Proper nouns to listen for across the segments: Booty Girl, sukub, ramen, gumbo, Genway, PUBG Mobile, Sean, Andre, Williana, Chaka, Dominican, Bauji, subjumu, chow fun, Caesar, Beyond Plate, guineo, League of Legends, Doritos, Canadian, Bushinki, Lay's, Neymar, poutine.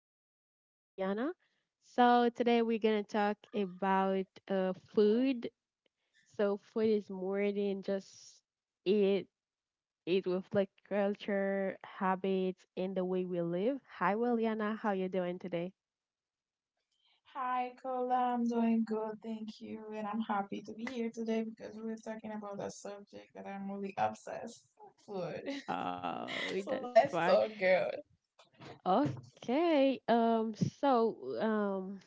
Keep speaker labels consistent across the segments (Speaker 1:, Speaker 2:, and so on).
Speaker 1: co-host Williana. So today we're gonna talk about food. So food is more than just it. It reflects culture, habits, and the way we live. Hi Williana, how you doing today?
Speaker 2: Hi, Kola, I'm doing good, thank you. And I'm happy to be here today because we're talking about a subject that I'm really obsessed with.
Speaker 1: Oh, that's
Speaker 2: So let's
Speaker 1: fine.
Speaker 2: talk, girl.
Speaker 1: Okay. So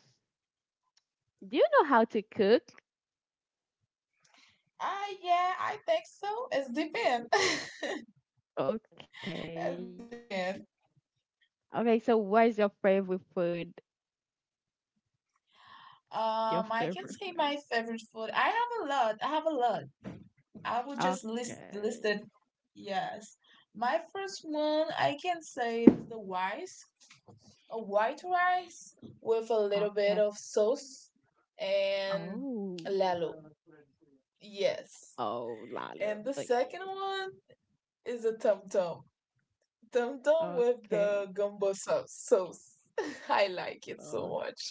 Speaker 1: Do you know how to cook?
Speaker 2: Ah, yeah, I think so. It's depend. It's
Speaker 1: Okay.
Speaker 2: depend.
Speaker 1: Okay. So what's your favorite food? Your
Speaker 2: I can
Speaker 1: favorite
Speaker 2: say my
Speaker 1: phrase.
Speaker 2: favorite food. I have a lot. I have a lot. I would just list
Speaker 1: Okay.
Speaker 2: listed. Yes. My first one, I can say, is the rice, a white rice with a little bit
Speaker 1: Okay.
Speaker 2: of sauce and
Speaker 1: Oh.
Speaker 2: lalo. Yes.
Speaker 1: Oh, Lala.
Speaker 2: And the second
Speaker 1: Okay.
Speaker 2: one is a tum tum. Tum tum with
Speaker 1: Okay.
Speaker 2: the gumbo sauce. I like it so
Speaker 1: Oh,
Speaker 2: much.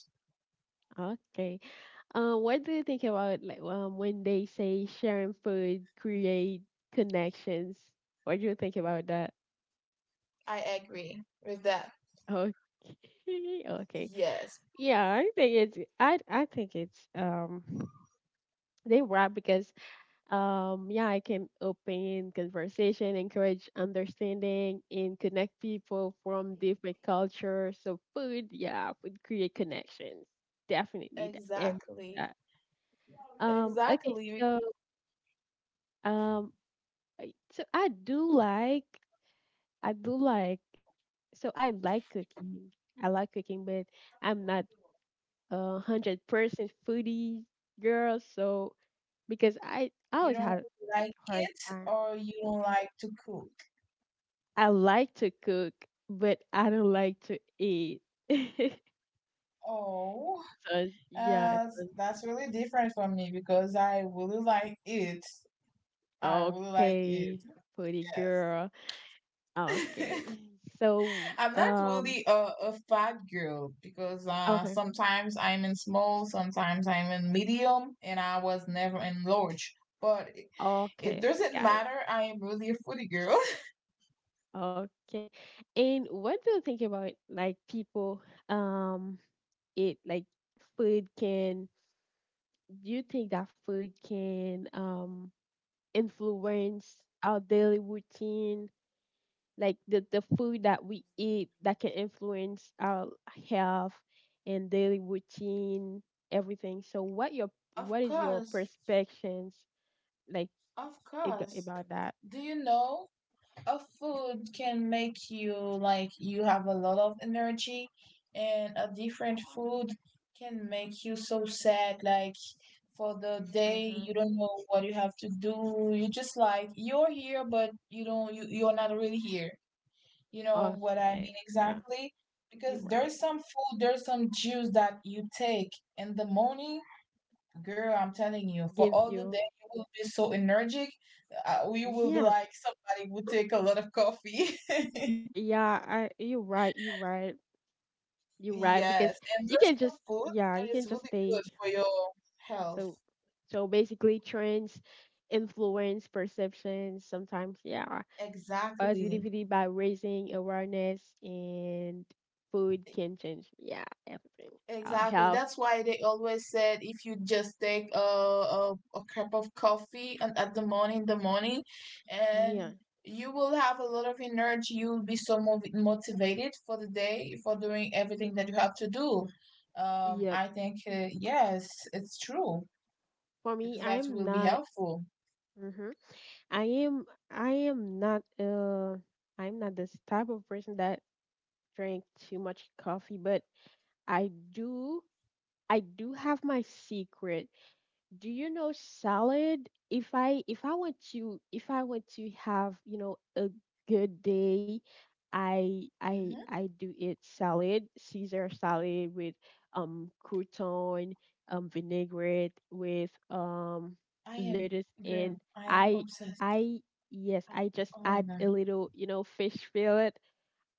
Speaker 1: okay. What do you think about when they say sharing food create connections? What do you think about that?
Speaker 2: I agree with that.
Speaker 1: Okay. Okay.
Speaker 2: Yes,
Speaker 1: Yeah, I think it's they were right because yeah, I can open conversation, encourage understanding, and connect people from different cultures. So food, yeah, food create connections. Definitely that. And
Speaker 2: exactly.
Speaker 1: that. Okay,
Speaker 2: Exactly.
Speaker 1: so um, so I do like, so I like cooking. I like cooking, but I'm not 100% foodie girl. So because I
Speaker 2: You
Speaker 1: always
Speaker 2: don't
Speaker 1: had a
Speaker 2: like
Speaker 1: hard
Speaker 2: it
Speaker 1: time.
Speaker 2: or you don't like to cook.
Speaker 1: I like to cook, but I don't like to eat. so it's-
Speaker 2: Oh,
Speaker 1: yeah,
Speaker 2: uh,
Speaker 1: so
Speaker 2: that's really different for me because
Speaker 1: it's-
Speaker 2: I really like it. I will like it.
Speaker 1: okay, pretty girl.
Speaker 2: Yes.
Speaker 1: Okay, so
Speaker 2: I'm not really a fat girl because
Speaker 1: okay,
Speaker 2: sometimes I'm in small, sometimes I'm in medium, and I was never in large. But it
Speaker 1: okay,
Speaker 2: doesn't
Speaker 1: got
Speaker 2: matter.
Speaker 1: it.
Speaker 2: I am really a foodie girl.
Speaker 1: Okay, and what do you think about like people um eat like food can? Do you think that food can influence our daily routine? Like the food that we eat that can influence our health and daily routine everything so
Speaker 2: Of
Speaker 1: what is your
Speaker 2: course.
Speaker 1: perspectives like
Speaker 2: Of course.
Speaker 1: about that.
Speaker 2: Do you know a food can make you like you have a lot of energy, and a different food can make you so sad, like, for the day
Speaker 1: Mm-hmm.
Speaker 2: you don't know what you have to do, you just like you're here but you're not really here. You know what I
Speaker 1: Okay,
Speaker 2: mean.
Speaker 1: yeah.
Speaker 2: Exactly,
Speaker 1: You're
Speaker 2: because
Speaker 1: right.
Speaker 2: there's some food, there's some juice that you take in the morning. Girl, I'm telling you, for
Speaker 1: Give
Speaker 2: all the
Speaker 1: you.
Speaker 2: day you will be so energetic, we will be
Speaker 1: Yeah,
Speaker 2: like somebody would take a lot of coffee.
Speaker 1: yeah, you're right, you're right because
Speaker 2: Yes, and
Speaker 1: you
Speaker 2: there's
Speaker 1: can
Speaker 2: some
Speaker 1: just
Speaker 2: food
Speaker 1: yeah
Speaker 2: that
Speaker 1: you
Speaker 2: is
Speaker 1: can just
Speaker 2: really
Speaker 1: take
Speaker 2: good for your health.
Speaker 1: so so basically trends influence perceptions sometimes, yeah,
Speaker 2: Exactly.
Speaker 1: positivity by raising awareness and food can change, yeah, everything.
Speaker 2: Exactly.
Speaker 1: Health.
Speaker 2: That's why they always said if you just take a cup of coffee and in the morning, and
Speaker 1: Yeah.
Speaker 2: you will have a lot of energy. You will be so motivated for the day, for doing everything that you have to do.
Speaker 1: Yep.
Speaker 2: I think, yes, it's true
Speaker 1: For me,
Speaker 2: because that will be helpful.
Speaker 1: hmm i am I am not I'm not this type of person that drink too much coffee, but i do I do have my secret. Do you know salad? If I want to, if I want to have, you know, a good day,
Speaker 2: Mhm.
Speaker 1: I do eat salad, Caesar salad with crouton, vinaigrette with
Speaker 2: I am,
Speaker 1: lettuce
Speaker 2: girl,
Speaker 1: and
Speaker 2: I am
Speaker 1: I
Speaker 2: obsessed.
Speaker 1: I yes,
Speaker 2: Ah,
Speaker 1: I just
Speaker 2: oh my
Speaker 1: add
Speaker 2: God.
Speaker 1: a little, you know, fish fillet.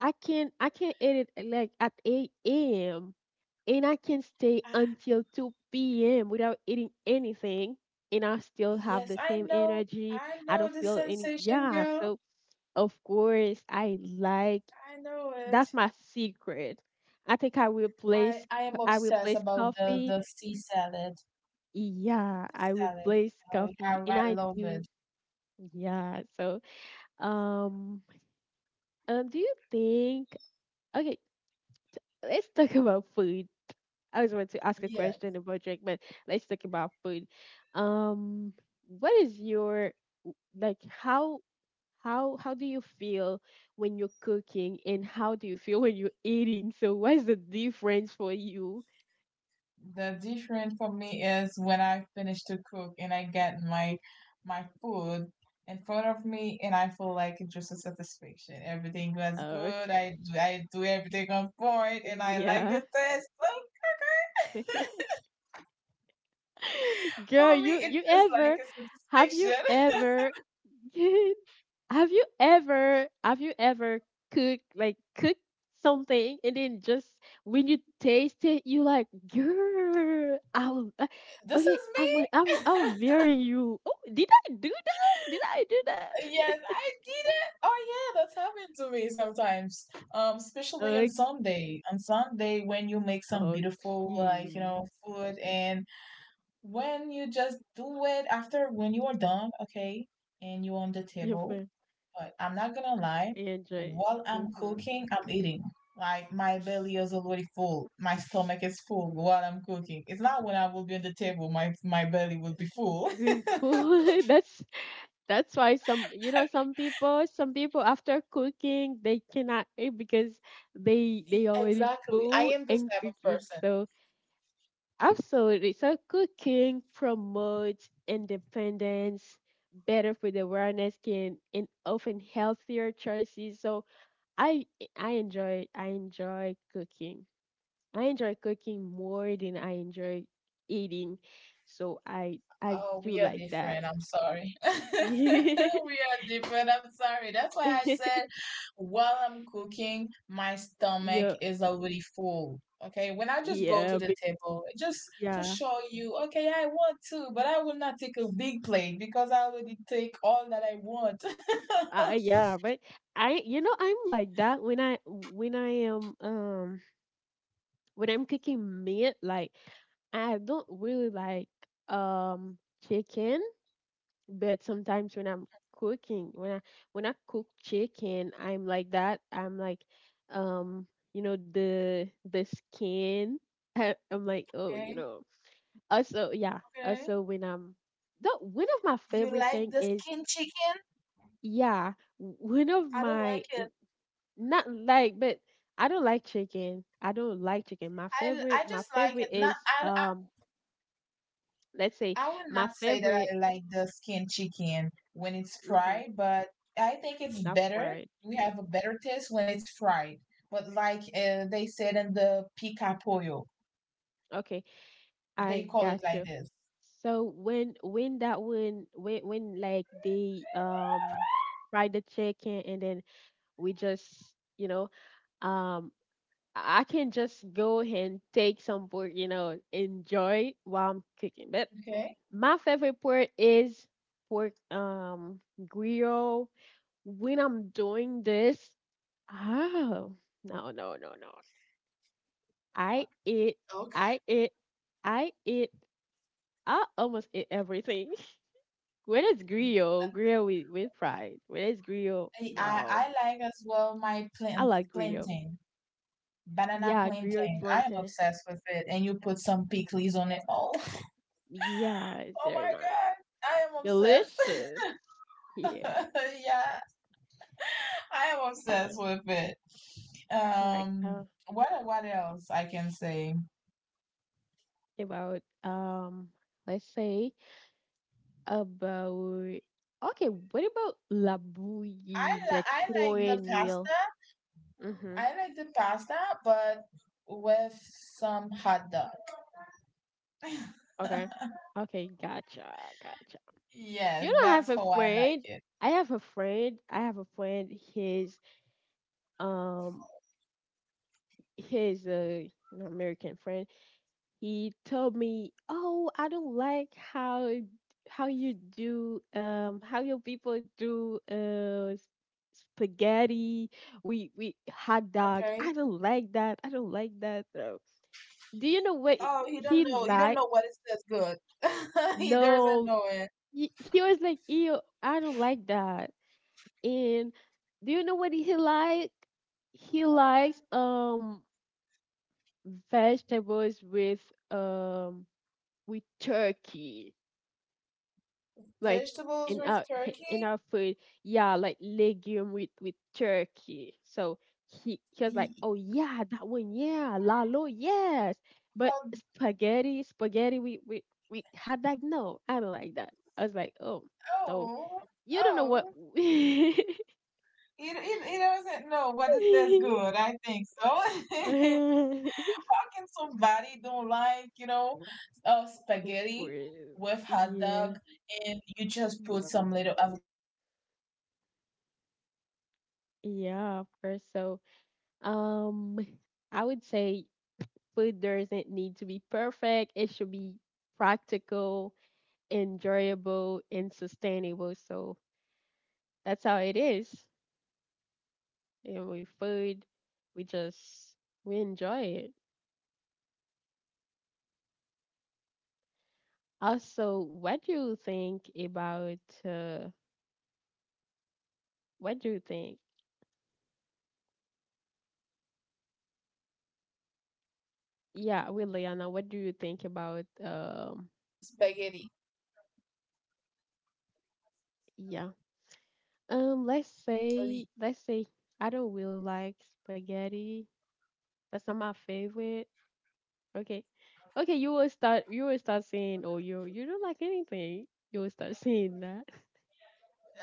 Speaker 1: I can edit like at 8 a.m. and I can stay
Speaker 2: Ah,
Speaker 1: until 2 p.m. without eating anything, and I still have
Speaker 2: yes,
Speaker 1: the
Speaker 2: I
Speaker 1: same
Speaker 2: know.
Speaker 1: energy.
Speaker 2: I
Speaker 1: I
Speaker 2: know
Speaker 1: don't
Speaker 2: the
Speaker 1: feel any,
Speaker 2: sensation,
Speaker 1: yeah.
Speaker 2: girl.
Speaker 1: So, of course, I like
Speaker 2: I know
Speaker 1: that's
Speaker 2: it.
Speaker 1: my secret. I think I will
Speaker 2: I
Speaker 1: place,
Speaker 2: I am
Speaker 1: I will
Speaker 2: obsessed
Speaker 1: place
Speaker 2: about the
Speaker 1: coffee.
Speaker 2: the sea salad,
Speaker 1: Yeah,
Speaker 2: the
Speaker 1: I will
Speaker 2: salad.
Speaker 1: place
Speaker 2: I,
Speaker 1: coffee, and
Speaker 2: I, I
Speaker 1: I
Speaker 2: love
Speaker 1: do.
Speaker 2: it.
Speaker 1: Yeah. So, um, do you think? Okay, let's talk about food. I always want to ask a
Speaker 2: Yeah.
Speaker 1: question about drink, but let's talk about food. Um, what is your like how do you feel when you're cooking and how do you feel when you're eating? So what's the difference for you?
Speaker 2: The difference for me is when I finish to cook and I get my food in front of me, and I feel like it's just a satisfaction. Everything was good.
Speaker 1: Okay.
Speaker 2: I do everything on point and I like
Speaker 1: Yeah.
Speaker 2: the taste. So for
Speaker 1: Girl,
Speaker 2: me
Speaker 1: you
Speaker 2: it's
Speaker 1: you
Speaker 2: just like
Speaker 1: ever
Speaker 2: a
Speaker 1: have you
Speaker 2: satisfaction.
Speaker 1: ever have you ever cooked something and then just when you taste it you like girl I'll
Speaker 2: This is
Speaker 1: okay I'm gonna- I'm
Speaker 2: me.
Speaker 1: I'll marry you. Oh, did I do that? Did I do that?
Speaker 2: Yes, I did it. Oh yeah, that's happened to me sometimes. Especially on
Speaker 1: Okay.
Speaker 2: Sunday. On Sunday, when you make some beautiful, like,
Speaker 1: Okay.
Speaker 2: food, and when you just do it, after, when you are done, okay, and you on the
Speaker 1: Your
Speaker 2: table.
Speaker 1: friend
Speaker 2: But I'm not gonna lie,
Speaker 1: Andre.
Speaker 2: while I'm
Speaker 1: Mm-hmm.
Speaker 2: cooking, I'm eating. Like, my belly is already full. My stomach is full while I'm cooking. It's not when I will be on the table, my belly will be full.
Speaker 1: With food. That's why some you know some people after cooking they cannot eat because they already
Speaker 2: Exactly. I
Speaker 1: full
Speaker 2: am this
Speaker 1: and
Speaker 2: type of
Speaker 1: cooking
Speaker 2: person.
Speaker 1: so absolutely so cooking promotes independence better food awareness can and often healthier choices so I I enjoy I enjoy cooking more than I enjoy eating so I
Speaker 2: Oh,
Speaker 1: do
Speaker 2: we are
Speaker 1: like that.
Speaker 2: different. I'm sorry. We are different. I'm sorry. That's why I said, while I'm cooking, my stomach
Speaker 1: Yeah.
Speaker 2: is already full. Okay. When I just go to
Speaker 1: Yeah,
Speaker 2: the
Speaker 1: be-
Speaker 2: table, just to
Speaker 1: yeah,
Speaker 2: show you, okay, I want to, but I will not take a big plate because I already take all that I want.
Speaker 1: yeah, but you know, I'm like that when I am when I'm cooking meat, like I don't really like um chicken, but sometimes when I'm cooking, when I cook chicken, I'm like that. I'm like, um, you know, the skin. I'm like, oh, you
Speaker 2: Okay.
Speaker 1: know. Also, yeah.
Speaker 2: Okay.
Speaker 1: Also, when I'm the one of my
Speaker 2: You
Speaker 1: favorite
Speaker 2: like
Speaker 1: thing
Speaker 2: the
Speaker 1: is
Speaker 2: skin chicken?
Speaker 1: Yeah, w- one of
Speaker 2: I don't
Speaker 1: my
Speaker 2: like it.
Speaker 1: not like, but I don't like chicken. I don't like chicken.
Speaker 2: I
Speaker 1: My
Speaker 2: just like
Speaker 1: favorite
Speaker 2: it. Not.
Speaker 1: is
Speaker 2: I
Speaker 1: let's say
Speaker 2: I would
Speaker 1: my
Speaker 2: not say that I
Speaker 1: favorite,
Speaker 2: like the skin chicken when it's
Speaker 1: mm-hmm,
Speaker 2: fried, but I think it's
Speaker 1: not
Speaker 2: better.
Speaker 1: fried.
Speaker 2: We have a better taste when it's fried. But like, they said in the pica pollo,
Speaker 1: Okay,
Speaker 2: they
Speaker 1: I
Speaker 2: call it
Speaker 1: got
Speaker 2: like
Speaker 1: you.
Speaker 2: this.
Speaker 1: So when that when like they fry the chicken and then we just you know um I can just go and take some book you know enjoy while I'm cooking. But
Speaker 2: Okay.
Speaker 1: my favorite part is pork grill. When I'm doing this, oh, no no no no. I eat
Speaker 2: Okay.
Speaker 1: I eat I eat, I almost eat everything. When it's grill, grill with pride. When it's grill,
Speaker 2: I I I
Speaker 1: no.
Speaker 2: like as well my
Speaker 1: I
Speaker 2: plant,
Speaker 1: like grill.
Speaker 2: plantain, banana
Speaker 1: Yeah, grill with
Speaker 2: plantain. I am
Speaker 1: plantain.
Speaker 2: obsessed with it. And you put some pickles on it. Oh,
Speaker 1: Yeah, it's
Speaker 2: Oh
Speaker 1: very
Speaker 2: my
Speaker 1: nice.
Speaker 2: God. I am obsessed.
Speaker 1: Delicious. Yeah.
Speaker 2: Yeah. I am obsessed
Speaker 1: Yeah.
Speaker 2: with it.
Speaker 1: I like
Speaker 2: Um, what else I can say?
Speaker 1: about let's say about okay, what about labuyi, like
Speaker 2: I like the
Speaker 1: cornmeal?
Speaker 2: pasta.
Speaker 1: Mm-hmm.
Speaker 2: I like the pasta, but with some hot dog.
Speaker 1: Okay. Okay, gotcha, gotcha. You
Speaker 2: Yes,
Speaker 1: know,
Speaker 2: that's how I like it.
Speaker 1: I have a friend. Um, his an American friend. He told me, "Oh, I don't like how you do how your people do spaghetti, we hot
Speaker 2: Okay.
Speaker 1: dog. I don't like that." So, do you know what
Speaker 2: Oh, he don't
Speaker 1: he
Speaker 2: know. He don't know
Speaker 1: like?
Speaker 2: what it says good. He doesn't
Speaker 1: No,
Speaker 2: know it.
Speaker 1: he was like, "Ew, I don't like that." And do you know what he like? He likes vegetables um with turkey. Like
Speaker 2: Vegetables with
Speaker 1: in
Speaker 2: turkey?
Speaker 1: our food, yeah, like legume with turkey so he was like,
Speaker 2: Y-
Speaker 1: oh yeah that one, yeah lalo, yes, but
Speaker 2: Hot
Speaker 1: spaghetti we had, like, no, I don't like that. I was like, oh, so
Speaker 2: Oh,
Speaker 1: you don't know what.
Speaker 2: oh. He doesn't know what is this good. I think so. How can somebody don't like,
Speaker 1: Of
Speaker 2: spaghetti
Speaker 1: course.
Speaker 2: with hot
Speaker 1: Yeah.
Speaker 2: dog, and you just put some little avocado on? Oh my God.
Speaker 1: Yeah,
Speaker 2: How,
Speaker 1: of
Speaker 2: how
Speaker 1: course.
Speaker 2: can
Speaker 1: So
Speaker 2: somebody don't like it?
Speaker 1: um
Speaker 2: How
Speaker 1: I
Speaker 2: that can
Speaker 1: would say
Speaker 2: happen?
Speaker 1: food doesn't need to be perfect. It should be practical, enjoyable, and sustainable. So that's how it is. And with
Speaker 2: What?
Speaker 1: food, we just we enjoy it. Also, what do you think about uh, what do you think?
Speaker 2: Hello?
Speaker 1: Yeah, with Liana, what do you think
Speaker 2: We
Speaker 1: about
Speaker 2: were talking about the spaghetti.
Speaker 1: yeah. Let's say, let's say I don't really like spaghetti. That's not my favorite. Okay. Okay, you will start saying, oh, you don't like anything. You will start saying that.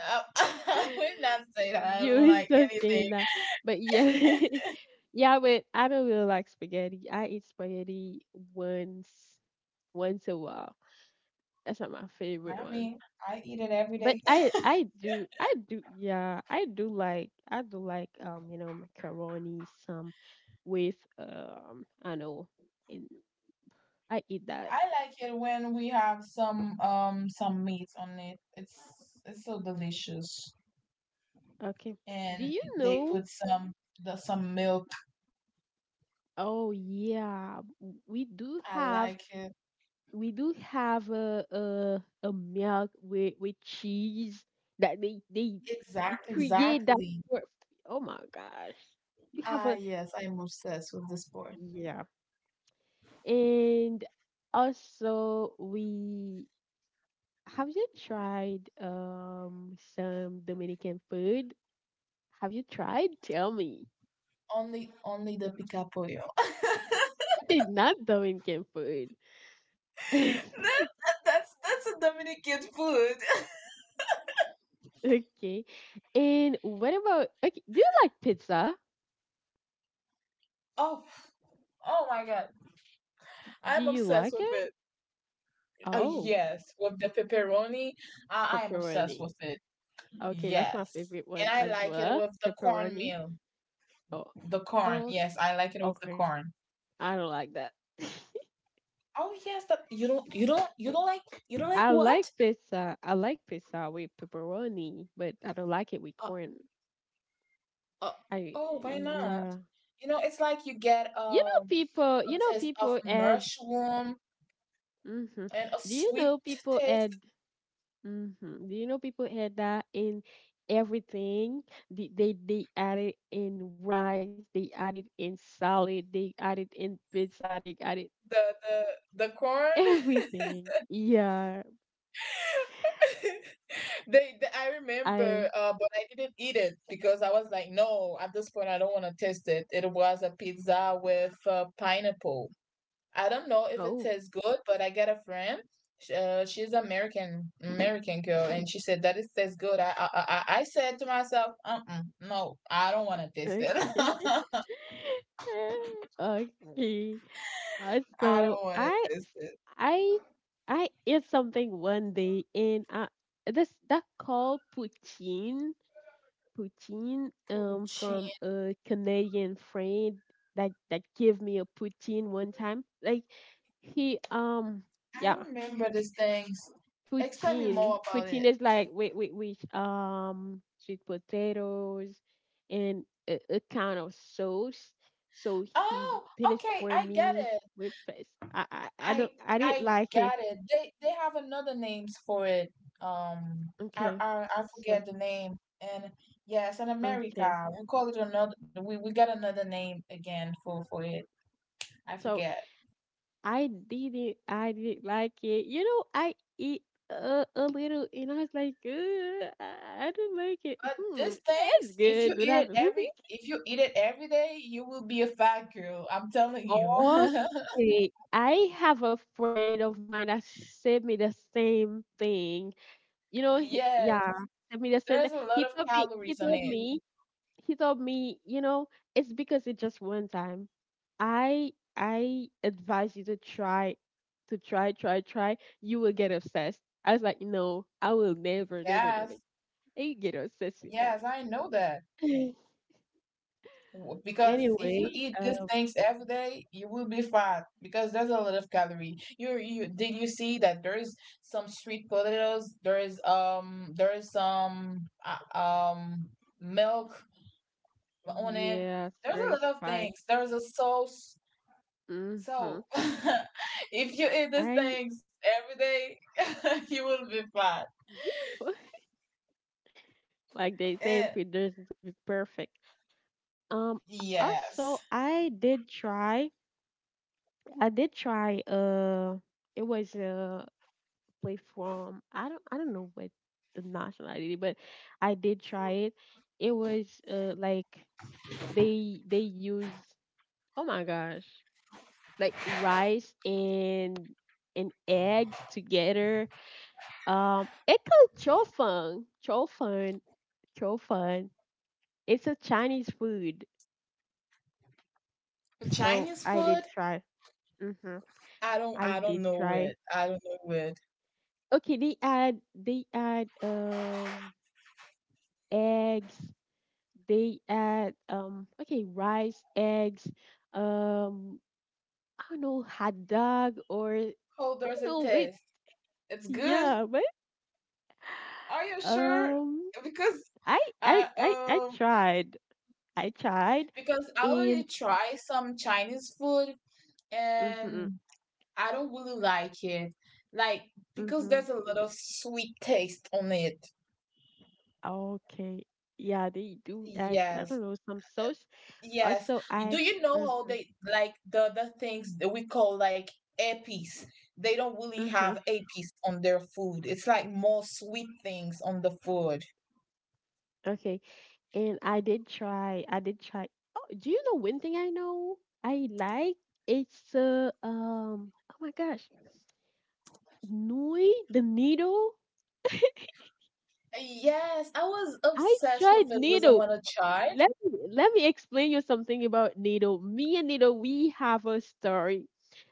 Speaker 2: I would not say that I
Speaker 1: You
Speaker 2: don't
Speaker 1: will
Speaker 2: like
Speaker 1: start
Speaker 2: anything.
Speaker 1: saying that. But yeah yeah, but I don't really like spaghetti. I eat spaghetti once once a while. That's not my favorite
Speaker 2: I
Speaker 1: one.
Speaker 2: mean, I eat it every
Speaker 1: But
Speaker 2: day.
Speaker 1: I do, yeah, I do like you know, macaroni some with I know and I eat that.
Speaker 2: I like it when we have some meat on it. It's so delicious,
Speaker 1: Okay. Do
Speaker 2: and
Speaker 1: you
Speaker 2: they
Speaker 1: know?
Speaker 2: put some milk.
Speaker 1: Oh yeah,
Speaker 2: I like it.
Speaker 1: we do have a milk with cheese that they
Speaker 2: Exact
Speaker 1: create that
Speaker 2: exactly.
Speaker 1: for. Oh my gosh, you have
Speaker 2: Ah,
Speaker 1: a
Speaker 2: yes, I'm obsessed with this sport.
Speaker 1: yeah, and also we have. You tried some Dominican food? Have you tried? Tell me.
Speaker 2: Only the picapoyo. that
Speaker 1: You did not Dominican food.
Speaker 2: that's that's a Dominican food.
Speaker 1: Okay. And what about okay, do you like pizza?
Speaker 2: Oh oh my God, I'm
Speaker 1: Do you
Speaker 2: obsessed with
Speaker 1: like
Speaker 2: it.
Speaker 1: it?
Speaker 2: Ah,
Speaker 1: Oh,
Speaker 2: yes, with the pepperoni. I am obsessed with
Speaker 1: pepperoni.
Speaker 2: it.
Speaker 1: Okay, that's my
Speaker 2: Yes.
Speaker 1: favorite
Speaker 2: And
Speaker 1: one
Speaker 2: I
Speaker 1: as
Speaker 2: like it
Speaker 1: well.
Speaker 2: with the
Speaker 1: Pepperoni.
Speaker 2: cornmeal.
Speaker 1: Oh.
Speaker 2: The corn.
Speaker 1: Oh,
Speaker 2: Yes, I like it with the
Speaker 1: okay.
Speaker 2: corn.
Speaker 1: I don't like that.
Speaker 2: Oh yes, that you don't like
Speaker 1: I like
Speaker 2: what?
Speaker 1: pizza. I like pizza with pepperoni, but I don't like it with
Speaker 2: Uh,
Speaker 1: corn.
Speaker 2: uh,
Speaker 1: I
Speaker 2: oh, why not?
Speaker 1: yeah.
Speaker 2: You know, it's like you get a
Speaker 1: You know
Speaker 2: taste of
Speaker 1: people add
Speaker 2: mushroom
Speaker 1: mhm.
Speaker 2: and a
Speaker 1: Do you
Speaker 2: sweet
Speaker 1: know people
Speaker 2: taste,
Speaker 1: add mm-hmm. Do you know people had that in everything? They they add it in rice, they add it in salad, they add it in pizza, they add it
Speaker 2: the the the corn.
Speaker 1: everything. Yeah,
Speaker 2: They I
Speaker 1: I
Speaker 2: remember, but I didn't eat it because I was like, no, at this point I don't want to taste it. It was a pizza with pineapple. I don't know if it
Speaker 1: oh
Speaker 2: tastes good, but I got a friend. She's American, girl, and she said that it tastes good. I said to myself, no, I don't want to taste
Speaker 1: okay.
Speaker 2: it.
Speaker 1: Okay.
Speaker 2: I
Speaker 1: So
Speaker 2: don't want to taste it.
Speaker 1: I I ate something one day and this that called poutine
Speaker 2: Pucci.
Speaker 1: from a Canadian friend that that gave me a poutine one time. Like he
Speaker 2: I
Speaker 1: yeah,
Speaker 2: remember these things. Explain me more about it.
Speaker 1: poutine is like with sweet potatoes and a kind of sauce. So he
Speaker 2: Oh,
Speaker 1: did it
Speaker 2: okay,
Speaker 1: for
Speaker 2: I get
Speaker 1: me
Speaker 2: it.
Speaker 1: with this. I
Speaker 2: I
Speaker 1: don't I didn't
Speaker 2: I
Speaker 1: like it.
Speaker 2: got it. They have another names for it. Um, I
Speaker 1: Okay.
Speaker 2: I, I
Speaker 1: So
Speaker 2: forget the name. And yes, in
Speaker 1: okay.
Speaker 2: America, we call it another. We got another name again for it. I
Speaker 1: So
Speaker 2: forget.
Speaker 1: I did I didn't like it. You know, I eat a little, and I was like, "Ugh, I don't like it.
Speaker 2: But
Speaker 1: Hmm,
Speaker 2: these
Speaker 1: it's
Speaker 2: things, if you
Speaker 1: good, but
Speaker 2: eat
Speaker 1: I
Speaker 2: it
Speaker 1: don't like
Speaker 2: every
Speaker 1: it."
Speaker 2: if you eat it every day, you will be a fat girl. I'm telling you.
Speaker 1: Okay, I have a friend of mine that sent me the same thing. You know, he,
Speaker 2: Yes,
Speaker 1: yeah, sent me the same thing.
Speaker 2: there's a lot of
Speaker 1: He
Speaker 2: calories on
Speaker 1: told
Speaker 2: it.
Speaker 1: me you know, it's because it's just one time. I advise you to try, try. You will get obsessed. I was like, no, I will never, never.
Speaker 2: Yes,
Speaker 1: I get obsessed with that.
Speaker 2: yes, I know that. Because if
Speaker 1: Anyway,
Speaker 2: you eat these
Speaker 1: um,
Speaker 2: things every day, you will be fat because there's a lot of calorie. You did you see that there is some sweet potatoes, there is some milk on it.
Speaker 1: yes,
Speaker 2: There's a
Speaker 1: very
Speaker 2: lot of
Speaker 1: spice.
Speaker 2: things. There's a sauce. So
Speaker 1: Mm-hmm.
Speaker 2: if you eat these
Speaker 1: I
Speaker 2: things every day, you will be fat.
Speaker 1: you fu- like they say if
Speaker 2: Eh,
Speaker 1: it doesn't be perfect. Also
Speaker 2: yes.
Speaker 1: I did try. It was halfway from I don't know what the nationality, but I did try it. It was like they use oh my gosh like rice and eggs together. It called chow fun. It's a Chinese food, so
Speaker 2: Chinese
Speaker 1: I did
Speaker 2: food,
Speaker 1: try. Mm-hmm.
Speaker 2: I don't
Speaker 1: I
Speaker 2: I
Speaker 1: did
Speaker 2: don't know
Speaker 1: try.
Speaker 2: it. I don't know it.
Speaker 1: Okay, they add they add eggs, they add rice, eggs, um I don't know, hot dog, or
Speaker 2: How
Speaker 1: I
Speaker 2: does
Speaker 1: don't
Speaker 2: it
Speaker 1: know wait
Speaker 2: taste? It's good.
Speaker 1: yeah, but
Speaker 2: Are you sure?
Speaker 1: um
Speaker 2: Because uh
Speaker 1: I
Speaker 2: um
Speaker 1: tried, I tried
Speaker 2: because I already
Speaker 1: and
Speaker 2: tried some Chinese food,
Speaker 1: mm-hmm,
Speaker 2: and I don't really like it. Like, because
Speaker 1: mm-hmm,
Speaker 2: there's a lot of sweet taste on it.
Speaker 1: okay, yeah, they do add, I
Speaker 2: Yes.
Speaker 1: don't know, some sauce
Speaker 2: Yes.
Speaker 1: also.
Speaker 2: Do
Speaker 1: I
Speaker 2: you know how
Speaker 1: Mm-hmm,
Speaker 2: they like the things that we call like epies? They don't really
Speaker 1: mm-hmm.
Speaker 2: have epies on their food. It's like more sweet things on the food.
Speaker 1: Okay. And I did try. I did try. Oh, do you know one thing I know I like? It's oh my gosh, Nui, the needle.
Speaker 2: Yes, I was
Speaker 1: I
Speaker 2: obsessed
Speaker 1: tried
Speaker 2: with it was I
Speaker 1: needle.
Speaker 2: want to
Speaker 1: Let
Speaker 2: charge.
Speaker 1: me, let me explain you something about needle. Me and needle, we have a story.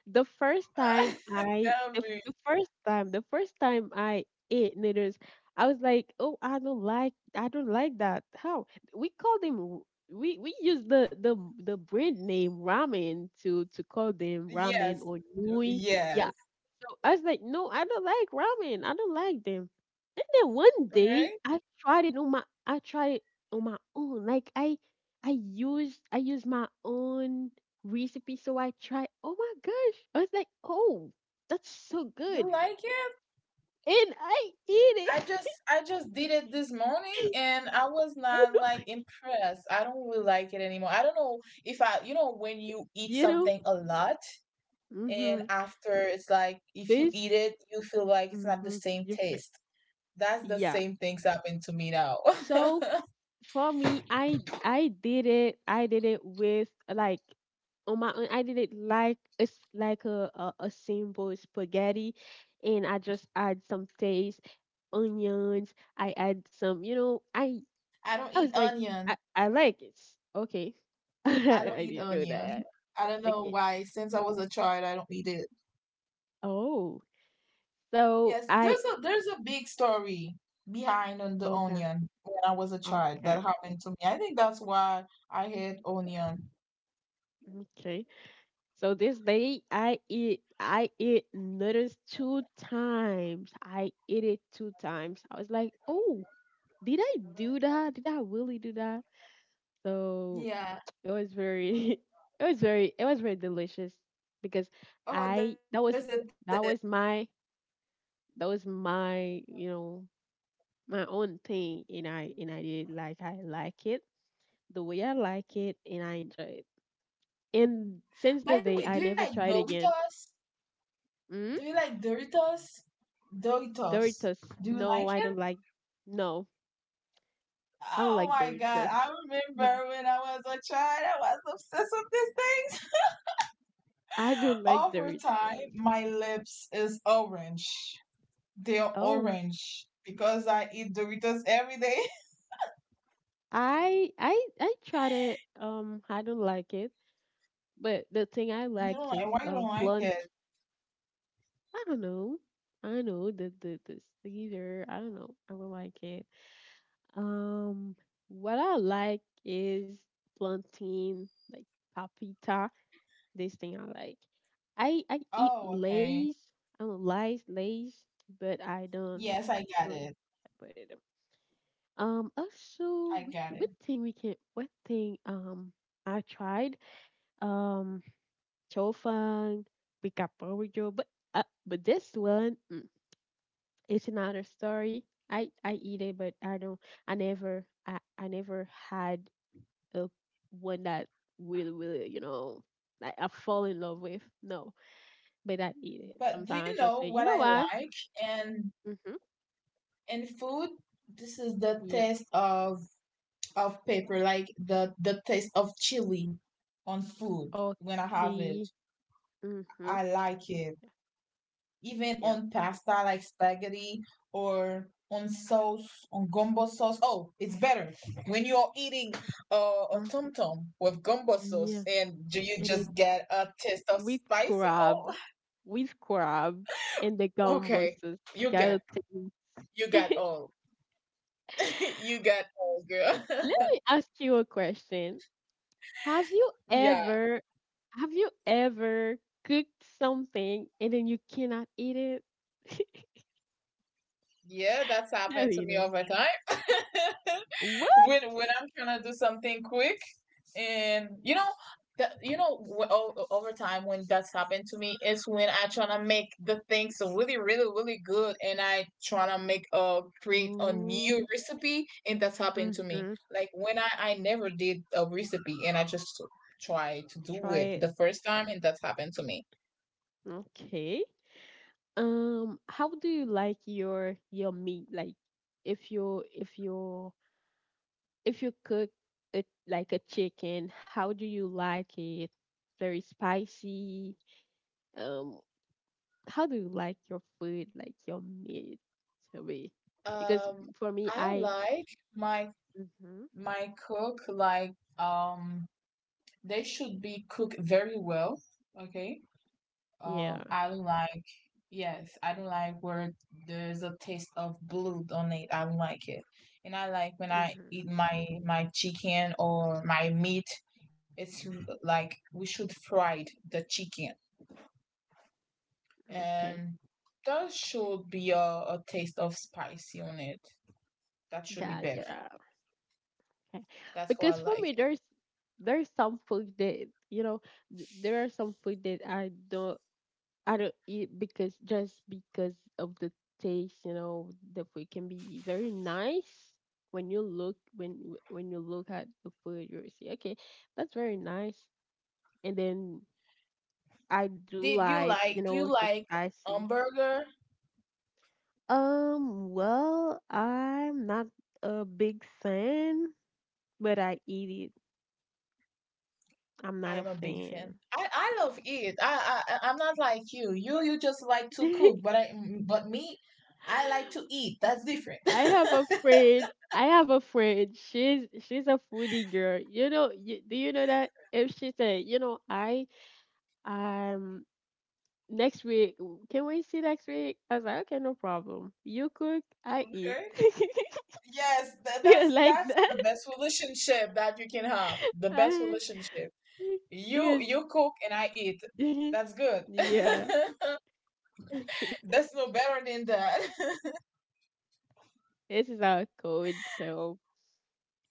Speaker 1: The first time I,
Speaker 2: Tell
Speaker 1: the, f-
Speaker 2: me.
Speaker 1: the first time I ate needles, I was like, oh, I don't like that. How we call them? We use the brand name ramen to call them, ramen
Speaker 2: Yes.
Speaker 1: or Nui.
Speaker 2: Yes.
Speaker 1: Yeah, so I was like, no, I don't like ramen. I don't like them. And then one day
Speaker 2: Okay.
Speaker 1: I tried it on my I tried it on my own. Like I used my own recipe. So I tried, oh my gosh. I was like, oh, that's so
Speaker 2: You
Speaker 1: good.
Speaker 2: like it?
Speaker 1: And I eat
Speaker 2: I
Speaker 1: it.
Speaker 2: just I just did it this morning
Speaker 1: And
Speaker 2: and I was not
Speaker 1: oh,
Speaker 2: like impressed. I don't really like it anymore. I don't know if I, when you eat
Speaker 1: you know?
Speaker 2: something a lot and
Speaker 1: Mm-hmm.
Speaker 2: after, it's like if you eat
Speaker 1: This
Speaker 2: it you feel like it's not the
Speaker 1: Mm-hmm.
Speaker 2: same
Speaker 1: You feel,
Speaker 2: taste. That's the
Speaker 1: yeah.
Speaker 2: same things happened to me now.
Speaker 1: So for me, I did it. I did it with, like, on my own. I did it like it's like a simple spaghetti, and I just add some taste, onions. I add some. You know,
Speaker 2: I don't
Speaker 1: I
Speaker 2: eat
Speaker 1: was like,
Speaker 2: onion.
Speaker 1: I like it. Okay.
Speaker 2: I don't eat
Speaker 1: I didn't
Speaker 2: onion.
Speaker 1: know that.
Speaker 2: I don't know
Speaker 1: Okay.
Speaker 2: why. Since I was a child, I don't eat it.
Speaker 1: Oh, so
Speaker 2: Yes,
Speaker 1: I,
Speaker 2: there's a, big story behind on the
Speaker 1: okay,
Speaker 2: onion when I was a child
Speaker 1: okay.
Speaker 2: that happened to me. I think that's why I hate onion.
Speaker 1: Okay. So this day I eat, I eat noodles two times. I eat it two times. I was like, oh, did I do that? Did I really do that? So
Speaker 2: Yeah.
Speaker 1: it was very, it was very, it was very delicious, because
Speaker 2: Oh,
Speaker 1: I
Speaker 2: there's a
Speaker 1: that was,
Speaker 2: this.
Speaker 1: that was my, that was my, you know, my own thing, and I did, like, I like it the way I like it, and I enjoy it. And since
Speaker 2: By
Speaker 1: the
Speaker 2: the way,
Speaker 1: day
Speaker 2: do
Speaker 1: I
Speaker 2: you
Speaker 1: never
Speaker 2: like
Speaker 1: tried again.
Speaker 2: Doritos?
Speaker 1: Mm?
Speaker 2: Do you like Doritos? Doritos.
Speaker 1: Doritos.
Speaker 2: Do you
Speaker 1: No,
Speaker 2: like
Speaker 1: I don't
Speaker 2: it?
Speaker 1: like. No, I don't
Speaker 2: Oh
Speaker 1: like
Speaker 2: my God. I
Speaker 1: Doritos.
Speaker 2: remember when I was a child, I was obsessed with these things.
Speaker 1: I don't like
Speaker 2: Over time,
Speaker 1: Doritos.
Speaker 2: my lips is orange. They are
Speaker 1: Oh,
Speaker 2: orange because I eat Doritos every day.
Speaker 1: I tried it. I don't like it. But the thing I
Speaker 2: You don't
Speaker 1: like
Speaker 2: like,
Speaker 1: is
Speaker 2: why you don't like
Speaker 1: blunt.
Speaker 2: it?
Speaker 1: I don't know. I don't know, the Caesar. I don't know. I don't like it. Um, what I like is plantain, like papita. This thing I like. I eat
Speaker 2: Oh, okay.
Speaker 1: Lay's. I don't, Lay's, Lay's, but I don't
Speaker 2: Yes, I got
Speaker 1: really
Speaker 2: it.
Speaker 1: put it. Also,
Speaker 2: I
Speaker 1: we,
Speaker 2: got it.
Speaker 1: what thing we can? What thing? I tried. Um. Chofang, Bikapojo, but this one, mm, it's another story. I eat it, but I don't. I never. I never had a one that really, really, you know, like, I fall in love with. No. But I eat it.
Speaker 2: But do
Speaker 1: Sometimes I
Speaker 2: you
Speaker 1: just
Speaker 2: know
Speaker 1: say, you
Speaker 2: what
Speaker 1: know
Speaker 2: I
Speaker 1: what?
Speaker 2: like? And
Speaker 1: Mm-hmm.
Speaker 2: in food, this is the
Speaker 1: Yeah.
Speaker 2: taste of pepper, like the taste of chili on food when I have it.
Speaker 1: Okay. Mm-hmm.
Speaker 2: I like it, even
Speaker 1: Yeah.
Speaker 2: on pasta like spaghetti or on sauce, on gumbo sauce. Oh, it's better when you're eating uh, a
Speaker 1: Mm,
Speaker 2: tom tom with gumbo sauce
Speaker 1: yeah.
Speaker 2: and do you
Speaker 1: It is
Speaker 2: just get a taste of
Speaker 1: with
Speaker 2: spicy?
Speaker 1: crab,
Speaker 2: Oh,
Speaker 1: with crab and the gumbo
Speaker 2: okay.
Speaker 1: sauce.
Speaker 2: You
Speaker 1: Go
Speaker 2: got, you
Speaker 1: taste.
Speaker 2: got all. You got all, girl.
Speaker 1: let me ask you a question. Have you
Speaker 2: Yeah.
Speaker 1: ever, have you ever cooked something and then you cannot eat it?
Speaker 2: Yeah, that's
Speaker 1: Let
Speaker 2: happened to
Speaker 1: me
Speaker 2: me
Speaker 1: know.
Speaker 2: over time.
Speaker 1: What?
Speaker 2: When I'm trying to do something quick, and you know, that, you know, wh- o- over time when that's happened to me is when I try to make the things really, really, really good, and I try to make create a new
Speaker 1: Oh,
Speaker 2: recipe, and that's happened to me.
Speaker 1: mm-hmm.
Speaker 2: Like when I never did a recipe, and I just try to do
Speaker 1: Try
Speaker 2: it
Speaker 1: it.
Speaker 2: the first time, and that's happened to me.
Speaker 1: Okay. How do you like your meat? Like, if you if you if you cook it like a chicken, how do you like it? Very spicy. Um, how do you like your food? Like your meat to be? Because
Speaker 2: Um,
Speaker 1: for me,
Speaker 2: I
Speaker 1: I,
Speaker 2: like my
Speaker 1: hmm,
Speaker 2: my cook like um they should be cooked very well, okay?
Speaker 1: yeah.
Speaker 2: I don't like. Yes, I don't like where there's a taste of blood on it. I don't like it, and I like when I
Speaker 1: Hmm.
Speaker 2: eat my chicken or my meat. It's like we should fry the chicken,
Speaker 1: Okay,
Speaker 2: and there should be a taste of spicy on it. That should be better.
Speaker 1: gotcha. Okay,
Speaker 2: That's how
Speaker 1: because
Speaker 2: I
Speaker 1: for me,
Speaker 2: like it.
Speaker 1: there's some food that, you know, there are some food that I don't, I don't eat because just because of the taste. You know, the food can be very nice when you look, when you look at the food, you see, okay, that's very nice. And then I do
Speaker 2: Did you
Speaker 1: like, you
Speaker 2: like? Do you
Speaker 1: know, the
Speaker 2: like
Speaker 1: spicy.
Speaker 2: hamburger?
Speaker 1: Well, I'm not a big fan, but I eat it. I'm
Speaker 2: I
Speaker 1: not a
Speaker 2: am a big
Speaker 1: fan.
Speaker 2: fan. I love it. I'm not like you. You just like to cook, but but me, I like to eat. That's different.
Speaker 1: I have a friend. I have a friend. She's a foodie girl. You know, you, do you know that if she said, you know, I, um next week, can we see next week? I was like, okay, no problem. You cook, I eat.
Speaker 2: Okay. Yes, tha-
Speaker 1: Yeah,
Speaker 2: that's
Speaker 1: like
Speaker 2: that's
Speaker 1: that.
Speaker 2: the best relationship that you can have. The best
Speaker 1: I,
Speaker 2: relationship. You
Speaker 1: because
Speaker 2: you cook and I eat. That's good.
Speaker 1: yeah,
Speaker 2: That's no better than that.
Speaker 1: this is our code. So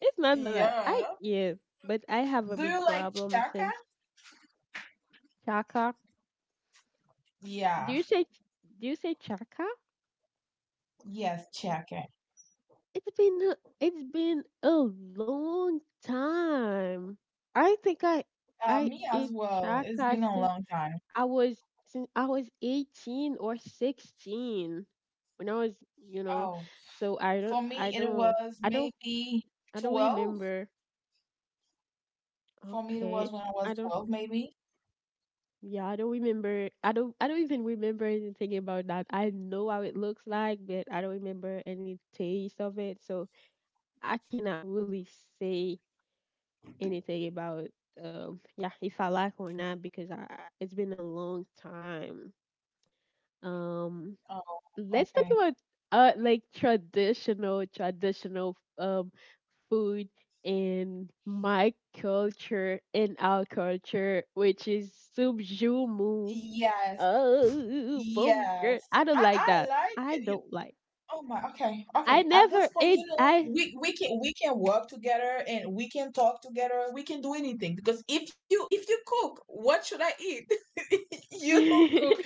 Speaker 1: it's not that I
Speaker 2: Yeah.
Speaker 1: eat, but I have a
Speaker 2: Do
Speaker 1: big
Speaker 2: you like
Speaker 1: problem
Speaker 2: chaka?
Speaker 1: since Chaka. Do
Speaker 2: Yeah.
Speaker 1: you say do you say Chaka?
Speaker 2: Yes, chaka.
Speaker 1: It's been a long time. I think I
Speaker 2: Me as
Speaker 1: ate
Speaker 2: well. It's
Speaker 1: chaka
Speaker 2: been a
Speaker 1: since
Speaker 2: long time.
Speaker 1: I was, since I was 18 or 16 when I was, you know,
Speaker 2: Oh,
Speaker 1: so I don't,
Speaker 2: for me, it was
Speaker 1: I don't
Speaker 2: maybe
Speaker 1: I don't
Speaker 2: 12.
Speaker 1: remember.
Speaker 2: For me, it was
Speaker 1: Okay.
Speaker 2: when I was
Speaker 1: I don't,
Speaker 2: 12, maybe.
Speaker 1: yeah, I don't remember. I don't, even remember anything about that. I know how it looks like, but I don't remember any taste of it. So I cannot really say anything about, yeah, if I like or not, because I, it's been a long time. Um,
Speaker 2: Oh,
Speaker 1: let's talk
Speaker 2: okay.
Speaker 1: about like traditional, traditional, food in my culture, in our culture, which is subjumu, jumu.
Speaker 2: Yes,
Speaker 1: Oh, pumpkin.
Speaker 2: yes.
Speaker 1: I don't
Speaker 2: I,
Speaker 1: like
Speaker 2: I
Speaker 1: that.
Speaker 2: like
Speaker 1: I
Speaker 2: it.
Speaker 1: don't like.
Speaker 2: Oh my, okay,
Speaker 1: I
Speaker 2: okay. At this
Speaker 1: never
Speaker 2: point,
Speaker 1: ate. I.
Speaker 2: we can work together and we can talk together. We can do anything because if you cook, what should I eat? You don't cook,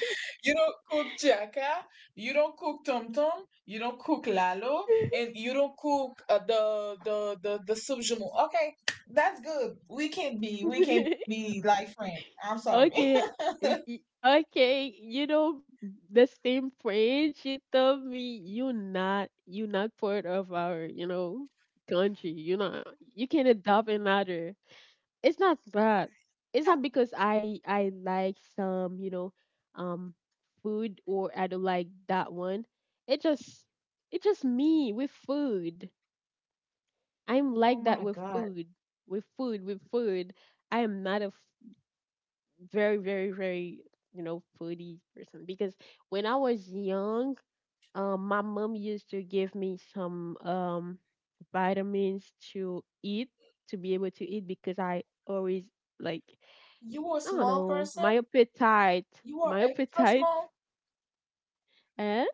Speaker 2: you don't cook Jaka, you don't cook Tom Tom, you don't cook Lalo, and you don't cook the soup jumeau. Okay, that's good. We can be like friends. I'm sorry.
Speaker 1: Okay, okay, you know, the same friend, she told me, you not, you not part of our, you know, country. You know, you can adopt another. It's not that. It's not because I like some, you know, um food or I don't like that one. It just, it's just me with food. I'm
Speaker 2: Oh
Speaker 1: like
Speaker 2: my
Speaker 1: that with
Speaker 2: God,
Speaker 1: food. With food. With food. I am not a very, very, very, you know, foodie person, because when I was young, my mom used to give me some vitamins to eat, to be able to eat, because I always like,
Speaker 2: you are a
Speaker 1: I don't
Speaker 2: small
Speaker 1: know,
Speaker 2: person. You are
Speaker 1: my
Speaker 2: extra
Speaker 1: appetite,
Speaker 2: small.
Speaker 1: eh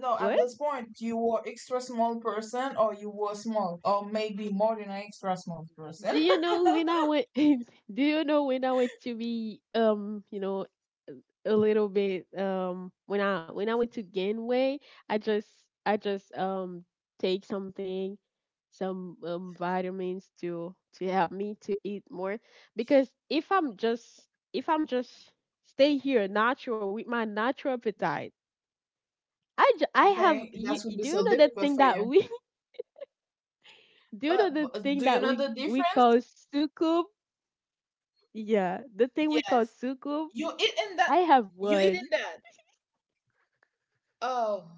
Speaker 2: No, at
Speaker 1: what.
Speaker 2: this point, you were extra small person, or you were small, or maybe more than an extra small person.
Speaker 1: Do you know when I went? do you know when I went to be you know, a little bit when I went to Genway, I just I just take something, some vitamins to help me to eat more, because if I'm just stay here natural with my natural appetite, I have,
Speaker 2: Okay, that
Speaker 1: you
Speaker 2: would
Speaker 1: you-
Speaker 2: be
Speaker 1: do you
Speaker 2: so
Speaker 1: know that
Speaker 2: difficult
Speaker 1: thing
Speaker 2: for
Speaker 1: that
Speaker 2: you.
Speaker 1: we, do you know
Speaker 2: But,
Speaker 1: the
Speaker 2: but
Speaker 1: thing
Speaker 2: do you
Speaker 1: that
Speaker 2: know
Speaker 1: we
Speaker 2: the
Speaker 1: call
Speaker 2: difference?
Speaker 1: sukub? Yeah, the thing we call
Speaker 2: Yes,
Speaker 1: sukub.
Speaker 2: you eating that.
Speaker 1: I have
Speaker 2: You
Speaker 1: one,
Speaker 2: eating that. Oh,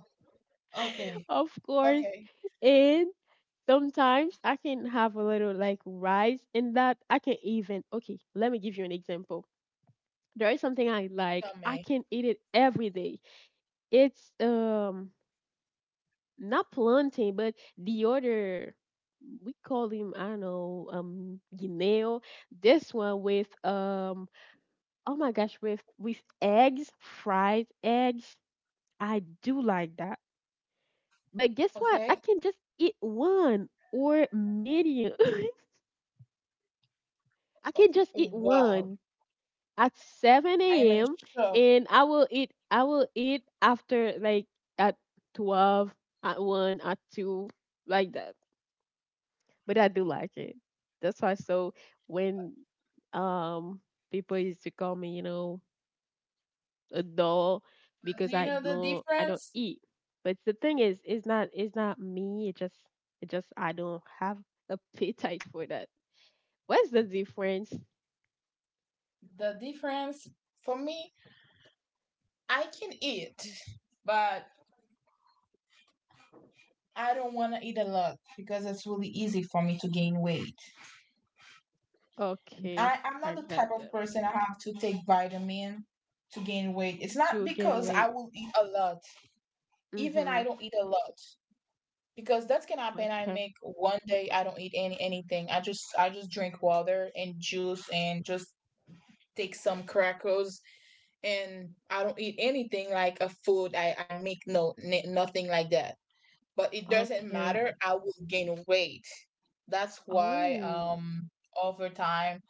Speaker 2: okay,
Speaker 1: of course.
Speaker 2: okay.
Speaker 1: And sometimes I can have a little like rice in that. I can even, okay, let me give you an example. There is something I like.
Speaker 2: Tell
Speaker 1: I
Speaker 2: me.
Speaker 1: can eat it every day. It's not plantain, but the other, we call him, I don't know, guineo. This one with oh my gosh, with eggs, fried eggs. I do like that. But guess what? I
Speaker 2: Okay.
Speaker 1: can just eat one or medium. I can just eat
Speaker 2: Wow,
Speaker 1: one at
Speaker 2: I am
Speaker 1: 7
Speaker 2: in
Speaker 1: a.m.
Speaker 2: shock.
Speaker 1: and I will eat, I will eat after like at 12, at 1, at 2, like that. But I do like it. That's why. So when um people used to call me, you know, a doll,
Speaker 2: But
Speaker 1: because
Speaker 2: do you
Speaker 1: I
Speaker 2: know the
Speaker 1: know I don't
Speaker 2: difference?
Speaker 1: eat. But the thing is, it's not, it's not me. It just, it just, I don't have appetite for that. What's the difference?
Speaker 2: The difference for me, I can eat, but I don't want to eat a lot because it's really easy for me to gain weight.
Speaker 1: Okay,
Speaker 2: I'm not
Speaker 1: I
Speaker 2: the
Speaker 1: got
Speaker 2: type of
Speaker 1: that.
Speaker 2: person I have to take vitamin to gain weight. It's not
Speaker 1: To gain
Speaker 2: because I
Speaker 1: weight.
Speaker 2: will eat a lot. Even I
Speaker 1: Mhm.
Speaker 2: don't eat a lot because that can happen. I
Speaker 1: Okay.
Speaker 2: make one day I don't eat anything. I just drink water and juice and just take some crackers and I don't eat anything like a food. I make no nothing like that. But it doesn't
Speaker 1: Okay.
Speaker 2: matter. I will gain weight. That's why
Speaker 1: Oh.
Speaker 2: over time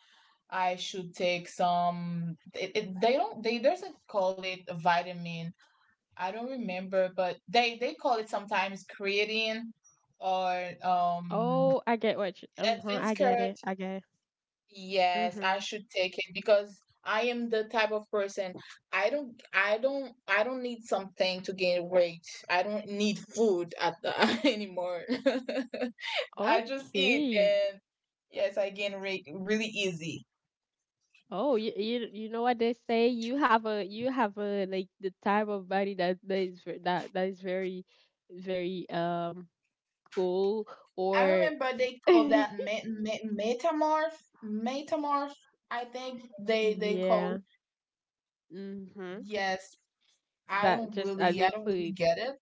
Speaker 2: I should take some they doesn't call it a vitamin. I don't remember, but they call it sometimes creatine or
Speaker 1: Oh, I get what you. Uh-huh, I
Speaker 2: advanced
Speaker 1: get
Speaker 2: curd.
Speaker 1: it. I get it.
Speaker 2: Yes, I
Speaker 1: Mhm.
Speaker 2: should take it because I am the type of person I don't need something to gain weight. I don't need food anymore. I just eat,
Speaker 1: Okay.
Speaker 2: and yes, I gain weight really easy.
Speaker 1: Oh, you know what they say? You have a, you have a, like, the type of body that that is that that is very, very, cool
Speaker 2: I
Speaker 1: or,
Speaker 2: remember they call that metamorph, metamorph. I think they
Speaker 1: yeah.
Speaker 2: call
Speaker 1: Mhm.
Speaker 2: yes.
Speaker 1: That just I
Speaker 2: I
Speaker 1: with
Speaker 2: don't really
Speaker 1: food.
Speaker 2: get it,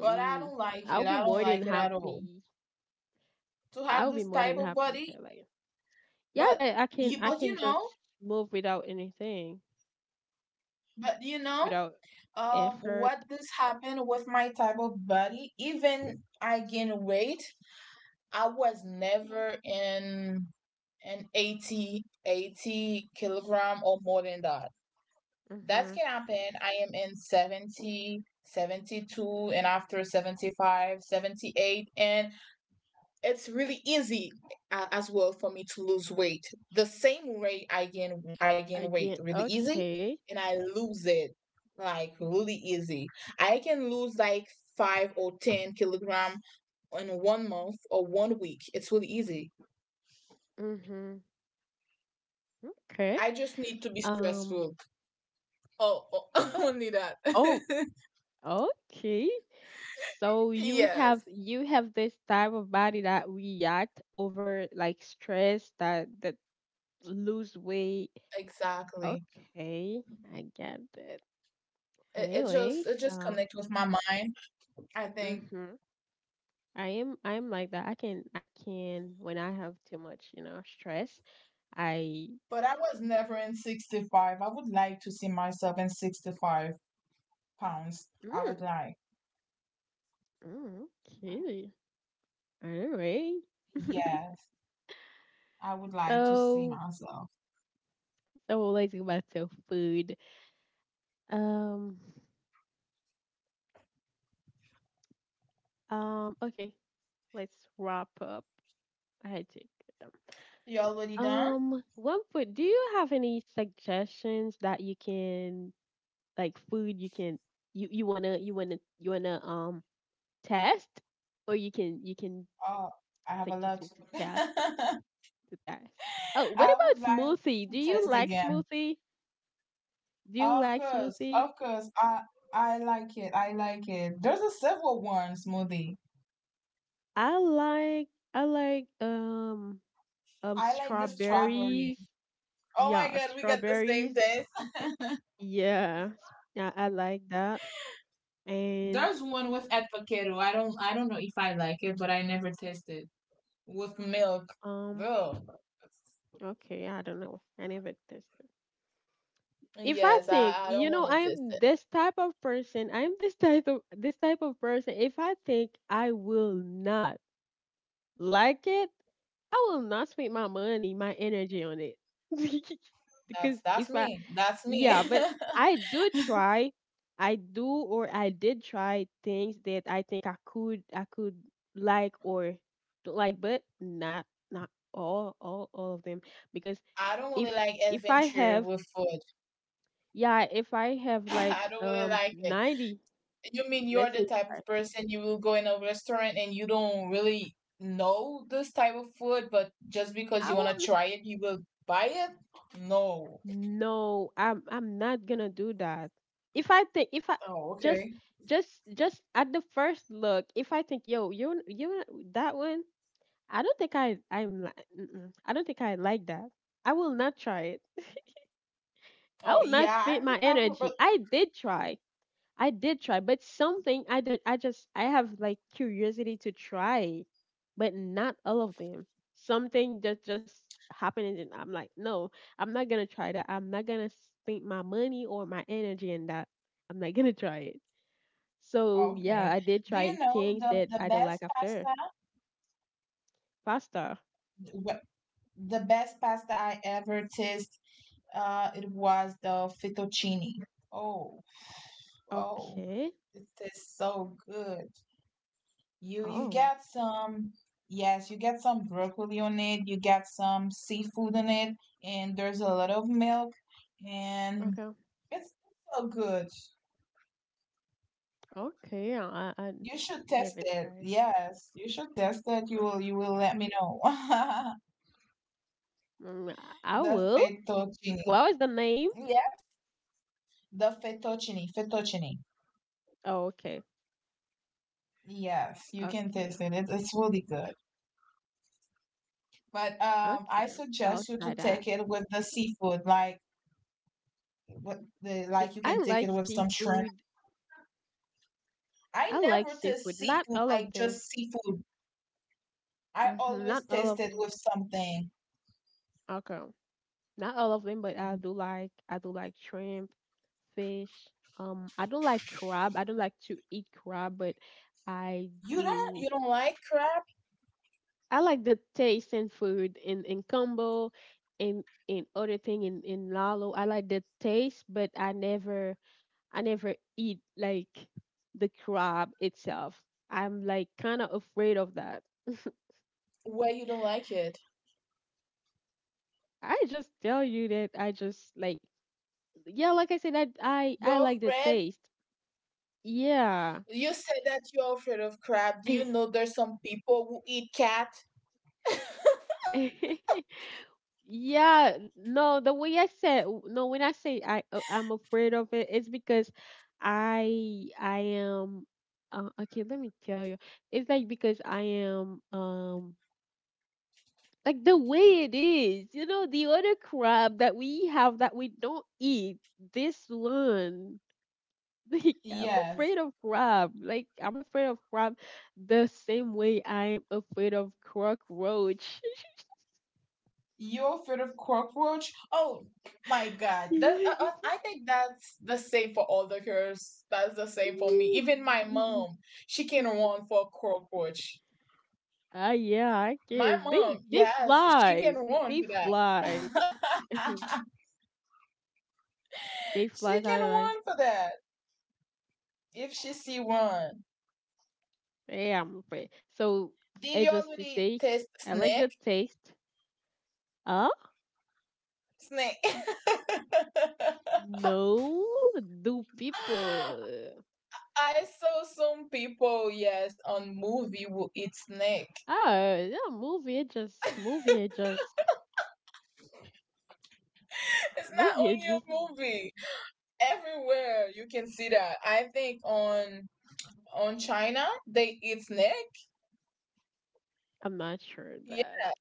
Speaker 2: but I don't like
Speaker 1: I'll
Speaker 2: it.
Speaker 1: be
Speaker 2: I don't
Speaker 1: more than
Speaker 2: like it at all
Speaker 1: happy.
Speaker 2: to have
Speaker 1: I'll be
Speaker 2: this
Speaker 1: more
Speaker 2: type
Speaker 1: than
Speaker 2: of
Speaker 1: happy.
Speaker 2: body.
Speaker 1: To, like, yeah,
Speaker 2: But
Speaker 1: that I can,
Speaker 2: you,
Speaker 1: I
Speaker 2: but
Speaker 1: can just move without anything,
Speaker 2: but you know,
Speaker 1: without effort.
Speaker 2: what this happened with my type of body. Even I gain weight, I was never in an eighty kilogram or more than that. That's
Speaker 1: Mhm.
Speaker 2: can happen. I am in 70, 72, and after 75, 78, and it's really easy as well for me to lose weight. The same way I gain weight
Speaker 1: Again.
Speaker 2: really easy
Speaker 1: Okay.
Speaker 2: and I lose it like really easy. I can lose like five or 10 kilogram in one month or one week. It's really easy.
Speaker 1: Mhm. Okay.
Speaker 2: I just need to be
Speaker 1: Um.
Speaker 2: stressful. Oh, oh only that.
Speaker 1: Oh, oh, okay. So you have,
Speaker 2: yes,
Speaker 1: you have this type of body that react over like stress, that that lose weight.
Speaker 2: exactly.
Speaker 1: Okay, I get it.
Speaker 2: It, it
Speaker 1: Anyway,
Speaker 2: just it just
Speaker 1: uh,
Speaker 2: connects with my mind, I think.
Speaker 1: mhm. I am, I'm like that. I can, when I have too much, you know, stress, I,
Speaker 2: But I was never in 65. I would like to see myself in 65 pounds. I
Speaker 1: mm,
Speaker 2: would like.
Speaker 1: mm, okay. Anyway.
Speaker 2: Yes, I would like to see
Speaker 1: So,
Speaker 2: myself.
Speaker 1: so let's go back to food. Um, okay, let's wrap up, I think.
Speaker 2: You already done?
Speaker 1: One food. Do you have any suggestions that you can, like, food you can, you wanna test, or you can, you can
Speaker 2: Oh, I have a
Speaker 1: suggest
Speaker 2: lot.
Speaker 1: me to test, to test. Oh, what
Speaker 2: I would
Speaker 1: about
Speaker 2: like
Speaker 1: smoothie?
Speaker 2: to
Speaker 1: Do you
Speaker 2: test
Speaker 1: like
Speaker 2: again.
Speaker 1: smoothie? Do you
Speaker 2: Of
Speaker 1: like
Speaker 2: course,
Speaker 1: smoothie?
Speaker 2: of course. I like it. I like it. There's a silver one smoothie.
Speaker 1: I like, I like,
Speaker 2: I like the strawberry.
Speaker 1: strawberries.
Speaker 2: Oh my
Speaker 1: Yeah,
Speaker 2: god, we got the same
Speaker 1: strawberries.
Speaker 2: taste.
Speaker 1: Yeah, yeah, I like that. And
Speaker 2: There's one with avocado. I don't know if I like it, but I never tasted with milk.
Speaker 1: um,
Speaker 2: Girl.
Speaker 1: okay, I don't know. I never tested. If I
Speaker 2: Yes,
Speaker 1: think,
Speaker 2: I don't
Speaker 1: you know,
Speaker 2: want to
Speaker 1: I
Speaker 2: taste
Speaker 1: am
Speaker 2: it.
Speaker 1: this type of person. I am this type of person. If I think I will not like it, I will not spend my money, my energy on it.
Speaker 2: That's
Speaker 1: because
Speaker 2: that's
Speaker 1: if I,
Speaker 2: me. That's me.
Speaker 1: yeah, but I do try. I do, or I did try things that I think I could like or don't like, but not all of them because
Speaker 2: I don't really
Speaker 1: if
Speaker 2: like
Speaker 1: if I
Speaker 2: adventure
Speaker 1: have,
Speaker 2: with food.
Speaker 1: yeah, if I have like
Speaker 2: I don't really like it.
Speaker 1: 90,
Speaker 2: You mean you're
Speaker 1: let's say,
Speaker 2: the type of
Speaker 1: I
Speaker 2: person you will go in a restaurant and you don't really know this type of food, but just because
Speaker 1: I
Speaker 2: you want to
Speaker 1: won't.
Speaker 2: try it, you will buy it? No.
Speaker 1: No, I'm not gonna do that if I think if I
Speaker 2: Oh,
Speaker 1: just
Speaker 2: okay.
Speaker 1: just at the first look, if I think yo you you that one, I don't think mm-mm. I don't think I like that. I will not try it. I
Speaker 2: Oh,
Speaker 1: will not
Speaker 2: yeah,
Speaker 1: spend
Speaker 2: I'm the
Speaker 1: my
Speaker 2: type of
Speaker 1: energy.
Speaker 2: but
Speaker 1: I did try. I did try, but something I did, I have like curiosity to try, but not all of them. Something that just happened and I'm like, no, I'm not gonna try that. I'm not gonna spend my money or my energy in that. I'm not gonna try it. So yeah,
Speaker 2: okay.
Speaker 1: I did
Speaker 2: Do you
Speaker 1: try
Speaker 2: know
Speaker 1: things
Speaker 2: the
Speaker 1: that I don't
Speaker 2: best
Speaker 1: like after
Speaker 2: pasta?
Speaker 1: pasta.
Speaker 2: wh- The best pasta I ever taste, it was the fettuccine. Oh, oh,
Speaker 1: Okay.
Speaker 2: it tastes so good. You
Speaker 1: Oh.
Speaker 2: get some yes, you get some broccoli on it, you get some seafood on it, and there's a lot of milk and
Speaker 1: Okay.
Speaker 2: it's so good.
Speaker 1: Okay, I I,
Speaker 2: You should
Speaker 1: I
Speaker 2: test
Speaker 1: never
Speaker 2: it.
Speaker 1: tried.
Speaker 2: Yes, you should test it. You
Speaker 1: Uh,
Speaker 2: will you will let me know.
Speaker 1: mm, I
Speaker 2: The
Speaker 1: will.
Speaker 2: fettuccine.
Speaker 1: What was the name?
Speaker 2: Yeah, the fettuccine.
Speaker 1: Oh, okay,
Speaker 2: Yes, you can
Speaker 1: okay,
Speaker 2: taste it. It's really good. But I
Speaker 1: okay. I'll
Speaker 2: suggest you
Speaker 1: try
Speaker 2: to
Speaker 1: that.
Speaker 2: take it with the seafood, like what the like you can
Speaker 1: I
Speaker 2: take
Speaker 1: like
Speaker 2: it with some shrimp.
Speaker 1: seafood.
Speaker 2: I
Speaker 1: I like
Speaker 2: never taste
Speaker 1: seafood. Not
Speaker 2: seafood
Speaker 1: all of
Speaker 2: like
Speaker 1: them.
Speaker 2: just seafood. I
Speaker 1: Hmm. Not
Speaker 2: always
Speaker 1: all
Speaker 2: taste
Speaker 1: of
Speaker 2: it
Speaker 1: them.
Speaker 2: with something.
Speaker 1: Okay, not all of them, but I do like shrimp, fish. I don't like crab. I don't like to eat crab, but I
Speaker 2: You don't
Speaker 1: do.
Speaker 2: you don't like crab?
Speaker 1: I like the taste in food in combo, in other thing in lalo. I like the taste, but I never eat like the crab itself. I'm like kind of afraid of that.
Speaker 2: Well, you don't like it.
Speaker 1: I just tell you that I just like, yeah, like I said, I
Speaker 2: You're
Speaker 1: like the
Speaker 2: afraid.
Speaker 1: taste. Yeah.
Speaker 2: You said that you're afraid of crab. Do you know there's some people who eat cat?
Speaker 1: Yeah, no, the way I said no, when I say I'm afraid of it, it's because I am okay, let me tell you. It's like because I am like the way it is, you know, the other crab that we have that we don't eat, this one. Like I'm
Speaker 2: Yes.
Speaker 1: afraid of crab. Like I'm afraid of crab the same way I am afraid of cockroach.
Speaker 2: You're afraid of cockroach? Oh my God. That, I think that's the same for all the girls. That's the same for me. Even my mom, she can run for cockroach.
Speaker 1: Ah, yeah, I
Speaker 2: My
Speaker 1: can. They
Speaker 2: mom,
Speaker 1: they
Speaker 2: yes, she can
Speaker 1: flies.
Speaker 2: warn
Speaker 1: They
Speaker 2: for that.
Speaker 1: flies. They
Speaker 2: She
Speaker 1: flies
Speaker 2: can
Speaker 1: out of like
Speaker 2: warn for that if she see one.
Speaker 1: damn. But so
Speaker 2: Did you
Speaker 1: just to
Speaker 2: already
Speaker 1: say,
Speaker 2: taste
Speaker 1: I like the
Speaker 2: snake?
Speaker 1: taste. Huh?
Speaker 2: Snake.
Speaker 1: No, do people?
Speaker 2: I saw some people, yes, on movie will eat snake.
Speaker 1: Ah, yeah, movie. It just movie. It just
Speaker 2: It's not
Speaker 1: movie.
Speaker 2: only
Speaker 1: It
Speaker 2: a
Speaker 1: just.
Speaker 2: movie. Everywhere you can see that. I think on China they eat snake.
Speaker 1: I'm not sure
Speaker 2: Yeah,
Speaker 1: that.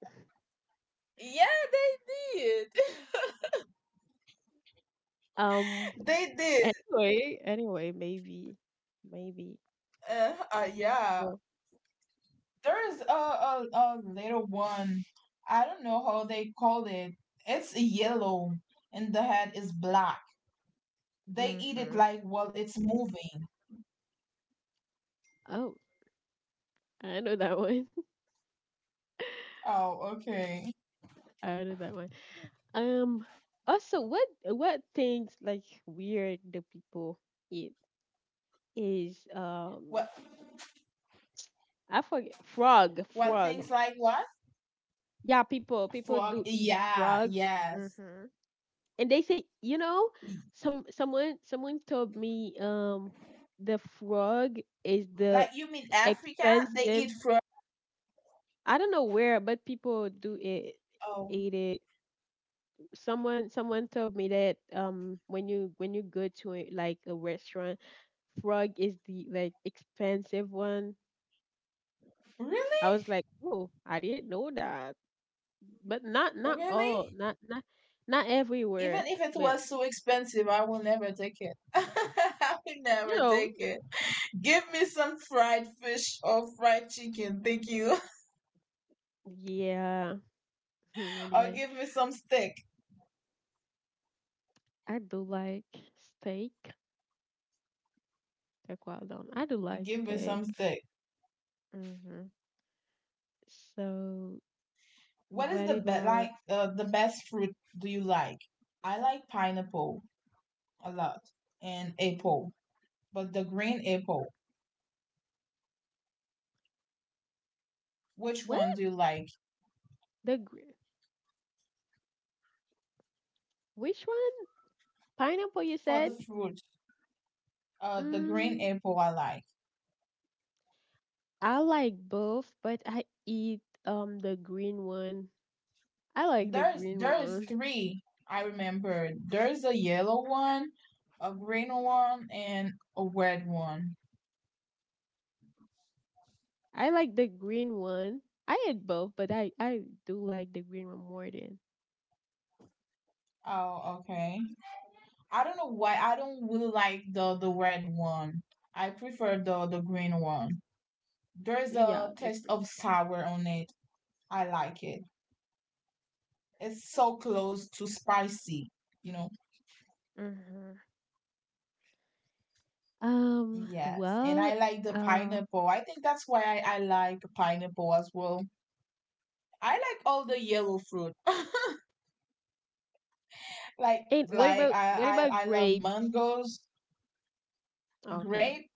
Speaker 2: yeah, they did.
Speaker 1: Um.
Speaker 2: They did.
Speaker 1: Anyway, anyway, maybe, maybe.
Speaker 2: Yeah.
Speaker 1: Oh,
Speaker 2: There's a little one. I don't know how they call it. It's yellow and the head is black. They eat it
Speaker 1: mm-hmm.
Speaker 2: like while it's moving.
Speaker 1: Oh, I know that one.
Speaker 2: Oh, okay.
Speaker 1: I know that one. Um. Also, what things like weird do people eat is
Speaker 2: What
Speaker 1: I forget frog
Speaker 2: what
Speaker 1: frog.
Speaker 2: things like what?
Speaker 1: Yeah, people
Speaker 2: Frog.
Speaker 1: do eat
Speaker 2: Yeah,
Speaker 1: frog,
Speaker 2: yes.
Speaker 1: hmm and they say, someone told me the frog is the
Speaker 2: Like you mean Africa? They
Speaker 1: expensive.
Speaker 2: eat frog.
Speaker 1: I don't know where, but people do it
Speaker 2: Oh,
Speaker 1: eat it. Someone told me that when you go to a, like, a restaurant, frog is the like expensive one. I
Speaker 2: really?
Speaker 1: was like, oh, I didn't know that, but not all,
Speaker 2: Really?
Speaker 1: not everywhere,
Speaker 2: Even if it
Speaker 1: but,
Speaker 2: was so expensive, I will never take it. I will
Speaker 1: you
Speaker 2: never
Speaker 1: know
Speaker 2: take it. Give me some fried fish or fried chicken, thank you.
Speaker 1: yeah.
Speaker 2: Or
Speaker 1: Anyway,
Speaker 2: give me some steak.
Speaker 1: I do like steak, like well done. I do like
Speaker 2: Give me
Speaker 1: steak.
Speaker 2: some steak.
Speaker 1: Mm-hmm. So
Speaker 2: What is
Speaker 1: what
Speaker 2: the best like
Speaker 1: about...
Speaker 2: the best fruit do you like? I like pineapple a lot and apple, but the green apple. Which
Speaker 1: What,
Speaker 2: one do you like
Speaker 1: the gr- which one? Pineapple, you
Speaker 2: for the
Speaker 1: said?
Speaker 2: fruit? The green
Speaker 1: mm
Speaker 2: apple I like.
Speaker 1: I like both, but I eat the green one. I like the
Speaker 2: There's
Speaker 1: green
Speaker 2: there's
Speaker 1: one.
Speaker 2: three I remember. There's a yellow one, a green one, and a red one.
Speaker 1: I like the green one. I eat both, but I do like the green one more than,
Speaker 2: Oh, okay. I don't know why I don't really like the red one. I prefer the green one. There's
Speaker 1: yeah,
Speaker 2: a
Speaker 1: the
Speaker 2: taste
Speaker 1: green.
Speaker 2: of sour on it. I like it. It's so close to spicy, you know.
Speaker 1: Mm-hmm.
Speaker 2: Yes, and
Speaker 1: Well.
Speaker 2: I like the
Speaker 1: Uh.
Speaker 2: pineapple. I think that's why I like pineapple as well. I like all the yellow fruit. like
Speaker 1: And what
Speaker 2: like
Speaker 1: about
Speaker 2: I, I I love
Speaker 1: grapes?
Speaker 2: mangoes,
Speaker 1: Okay.
Speaker 2: grape.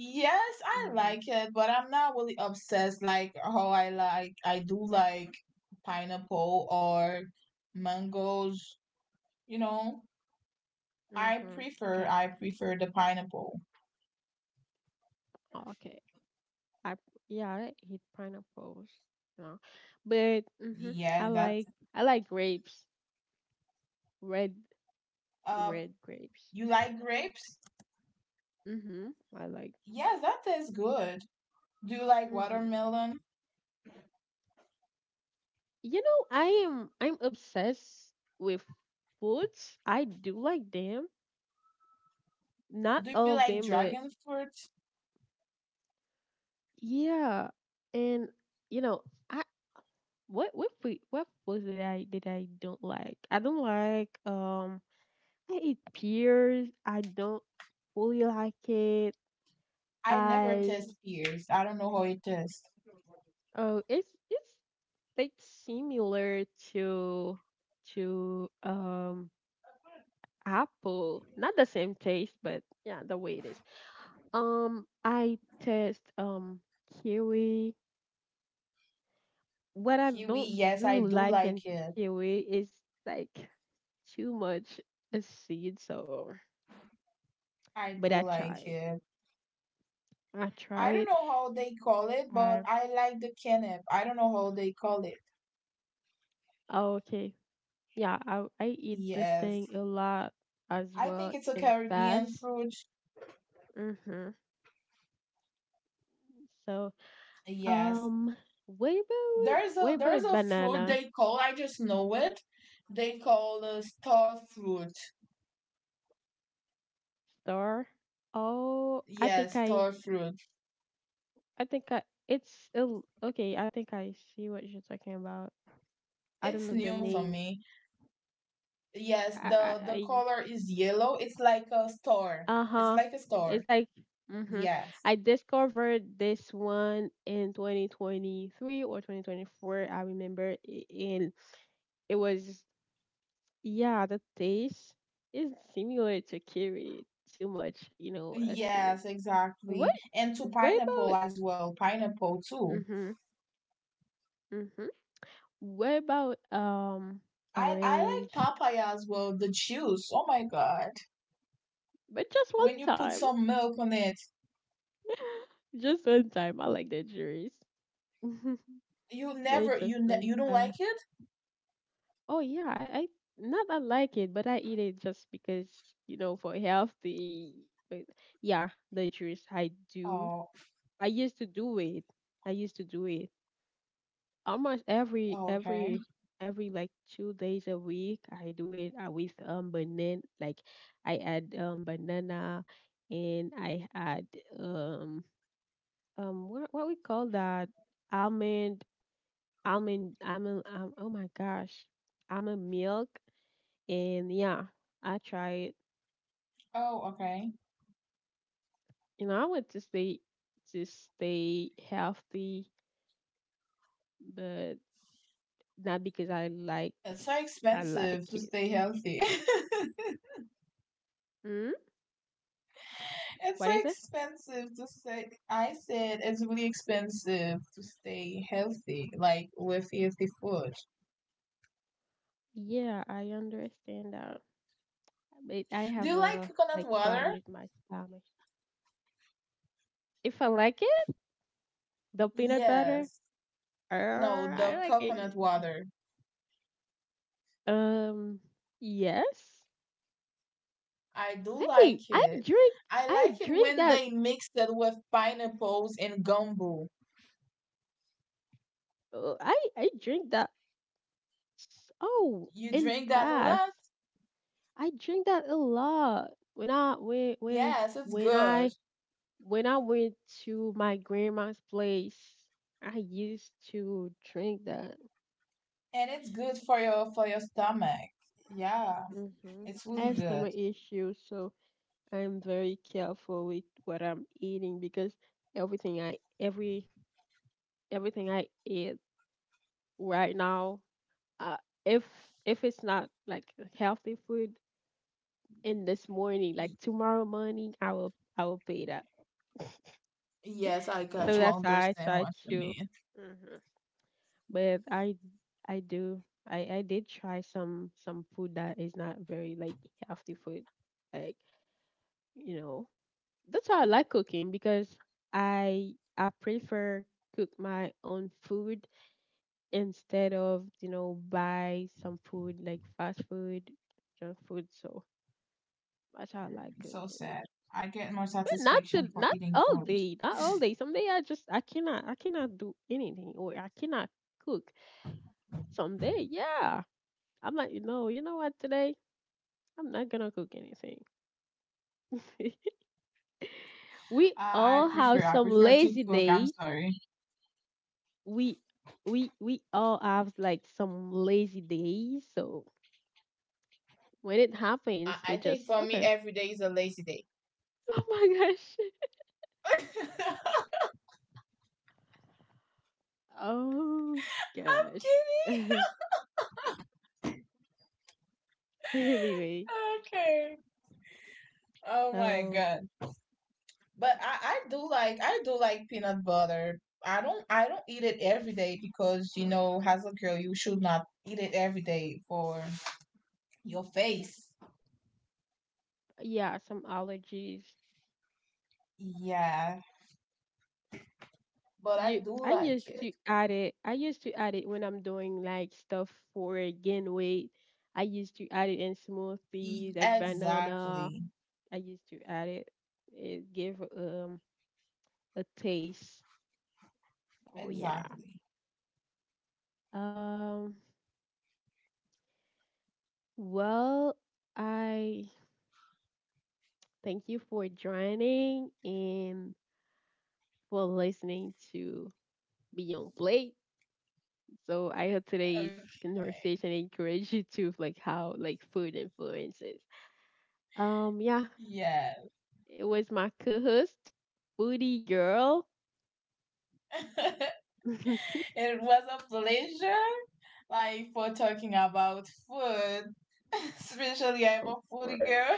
Speaker 2: Yes, I
Speaker 1: Mhm.
Speaker 2: like it, but I'm not really obsessed like how I do like pineapple or mangoes, you know. I
Speaker 1: Mhm.
Speaker 2: prefer
Speaker 1: Okay.
Speaker 2: I prefer the pineapple.
Speaker 1: Oh, okay. I Yeah, I eat pineapples. No, but mhm. I
Speaker 2: Yes, that's
Speaker 1: like I like grapes. Red, the
Speaker 2: uh
Speaker 1: red grapes.
Speaker 2: you like grapes?
Speaker 1: Mhm. I like.
Speaker 2: Yes, that tastes good. Do you like
Speaker 1: Mhm.
Speaker 2: watermelon?
Speaker 1: You know, I'm obsessed with foods. I do like them. Not
Speaker 2: Do you
Speaker 1: all of
Speaker 2: like
Speaker 1: them, but
Speaker 2: dragon fruit?
Speaker 1: yeah. And you know, I what food what foods that I don't like. I don't like I eat pears. I don't fully like it.
Speaker 2: I never
Speaker 1: I
Speaker 2: taste pears. I don't know how it tastes.
Speaker 1: Oh, it's like similar to to apple. Not the same taste, but yeah, the way it is. I test kiwi. What I
Speaker 2: Kiwi,
Speaker 1: don't
Speaker 2: yes, I
Speaker 1: really
Speaker 2: do
Speaker 1: like in
Speaker 2: like it.
Speaker 1: kiwi is like too much a seed. So,
Speaker 2: I
Speaker 1: but I
Speaker 2: do
Speaker 1: tried.
Speaker 2: like it.
Speaker 1: I
Speaker 2: I
Speaker 1: tried.
Speaker 2: don't know how they call it,
Speaker 1: I
Speaker 2: but I like the canap. I don't know how they call it.
Speaker 1: Oh, okay. Yeah, I eat this
Speaker 2: Yes.
Speaker 1: thing a lot as
Speaker 2: I
Speaker 1: well
Speaker 2: think it's a
Speaker 1: and
Speaker 2: Caribbean
Speaker 1: fast.
Speaker 2: fruit.
Speaker 1: Mhm. So,
Speaker 2: Yes.
Speaker 1: um, what about
Speaker 2: There's a there's a fruit
Speaker 1: banana?
Speaker 2: they call, I just know it. They call the star fruit.
Speaker 1: Star. Oh,
Speaker 2: Yes, star fruit.
Speaker 1: I think I. It's ill. Okay, I think I see what you're talking about. I don't
Speaker 2: It's
Speaker 1: know the
Speaker 2: new for
Speaker 1: name.
Speaker 2: me. Yes,
Speaker 1: I,
Speaker 2: the
Speaker 1: I,
Speaker 2: color is yellow. It's like a star.
Speaker 1: I uh
Speaker 2: It's
Speaker 1: huh.
Speaker 2: like a star.
Speaker 1: It's like, mm-hmm.
Speaker 2: Yes.
Speaker 1: I discovered this one in 2023 or 2024. I remember, and it was, yeah. The taste is similar to curry. Too much, acid.
Speaker 2: Yes,
Speaker 1: What?
Speaker 2: exactly. And to
Speaker 1: What about?
Speaker 2: pineapple as well. Pineapple too.
Speaker 1: Mm-hmm. Mm-hmm. What about
Speaker 2: I like
Speaker 1: orange?
Speaker 2: papaya as well. The juice. Oh my god!
Speaker 1: But just one
Speaker 2: When you put
Speaker 1: time.
Speaker 2: some milk on it,
Speaker 1: Just one time. I like the juice.
Speaker 2: you
Speaker 1: But
Speaker 2: never you
Speaker 1: just
Speaker 2: ne-
Speaker 1: one
Speaker 2: you don't like
Speaker 1: time.
Speaker 2: it.
Speaker 1: Oh yeah, I not I like it, but I eat it just because, you know, for healthy. But yeah, the juice I do.
Speaker 2: Oh
Speaker 1: I used to do it. I used to do it. Almost
Speaker 2: oh, okay.
Speaker 1: every like 2 days a week I do it, with banana, like, I add banana and I add um what we call that, almond almond, oh my gosh, almond milk. And yeah, I try it.
Speaker 2: Oh okay.
Speaker 1: You know, I want to stay healthy, but not because I like.
Speaker 2: It's so
Speaker 1: I like
Speaker 2: expensive to
Speaker 1: it.
Speaker 2: stay healthy.
Speaker 1: Mm?
Speaker 2: It's
Speaker 1: What
Speaker 2: so
Speaker 1: is it?
Speaker 2: expensive to stay. I said it's really expensive to stay healthy, like with healthy food.
Speaker 1: Yeah, I understand that. But I
Speaker 2: Do
Speaker 1: have
Speaker 2: you like
Speaker 1: a
Speaker 2: coconut
Speaker 1: like problem
Speaker 2: water?
Speaker 1: with my stomach. If I like it, the peanut butter,
Speaker 2: Yes. No,
Speaker 1: I
Speaker 2: the
Speaker 1: like it.
Speaker 2: coconut water.
Speaker 1: Um, yes.
Speaker 2: I do
Speaker 1: Hey,
Speaker 2: like it. I
Speaker 1: I
Speaker 2: like it
Speaker 1: drink
Speaker 2: when
Speaker 1: that.
Speaker 2: they mix it with pineapples and gumbo.
Speaker 1: I drink that. Oh,
Speaker 2: You
Speaker 1: in
Speaker 2: drink that a
Speaker 1: past,
Speaker 2: lot?
Speaker 1: I drink that a lot.
Speaker 2: Yes, it's
Speaker 1: When
Speaker 2: good.
Speaker 1: I when I went to my grandma's place, I used to drink that.
Speaker 2: And it's good for your stomach. Yeah,
Speaker 1: Mm-hmm.
Speaker 2: it's
Speaker 1: I
Speaker 2: really
Speaker 1: have
Speaker 2: good.
Speaker 1: stomach issues, so I'm very careful with what I'm eating because everything I every everything I eat right now, uh, if if it's not like healthy food in this morning, like
Speaker 2: Y-
Speaker 1: tomorrow morning, I will pay that.
Speaker 2: Yes, I got
Speaker 1: So
Speaker 2: you. I
Speaker 1: that's how I
Speaker 2: understand
Speaker 1: try
Speaker 2: what you
Speaker 1: to.
Speaker 2: mean.
Speaker 1: hmm But I do I did try some food that is not very like healthy food, like, you know. That's why I like cooking because I prefer cook my own food instead of, you know, buy some food like fast food, junk food. So that's how I like
Speaker 2: So
Speaker 1: cooking.
Speaker 2: sad. I get more
Speaker 1: But
Speaker 2: satisfaction for
Speaker 1: not
Speaker 2: eating
Speaker 1: all
Speaker 2: food.
Speaker 1: day, not all day. Some day, I cannot do anything or I cannot cook. Some day, yeah. I'm like, you know, what today? I'm not gonna cook anything. We
Speaker 2: I
Speaker 1: all have
Speaker 2: prefer I
Speaker 1: some
Speaker 2: prefer to
Speaker 1: lazy
Speaker 2: cook. I'm
Speaker 1: day.
Speaker 2: sorry.
Speaker 1: We we all have like some lazy days, so when it
Speaker 2: I,
Speaker 1: happens,
Speaker 2: I
Speaker 1: we
Speaker 2: think
Speaker 1: just.
Speaker 2: for me,
Speaker 1: Okay.
Speaker 2: every day is a lazy day.
Speaker 1: Oh my gosh,
Speaker 2: I'm
Speaker 1: oh gosh.
Speaker 2: kidding.
Speaker 1: Anyway,
Speaker 2: Okay. Oh my
Speaker 1: so
Speaker 2: god. But I do like peanut butter. I don't eat it every day because as a girl you should not eat it every day for your face.
Speaker 1: yeah, some allergies.
Speaker 2: Yeah, but I do
Speaker 1: I
Speaker 2: like
Speaker 1: used
Speaker 2: it.
Speaker 1: to add it. I used to add it when I'm doing like stuff for gain weight. I used to add it in smoothies like banana.
Speaker 2: Exactly.
Speaker 1: I used to add it. It gave a taste. Oh yeah.
Speaker 2: Exactly.
Speaker 1: Um. Well, I thank you for joining and for listening to Beyond Plate. So I hope today's
Speaker 2: Okay.
Speaker 1: conversation encouraged you to like how like food influences. Yeah,
Speaker 2: Yeah.
Speaker 1: it was my co-host, Booty Girl.
Speaker 2: It was a pleasure like for talking about food. Especially I'm
Speaker 1: Of
Speaker 2: a foodie
Speaker 1: course,
Speaker 2: girl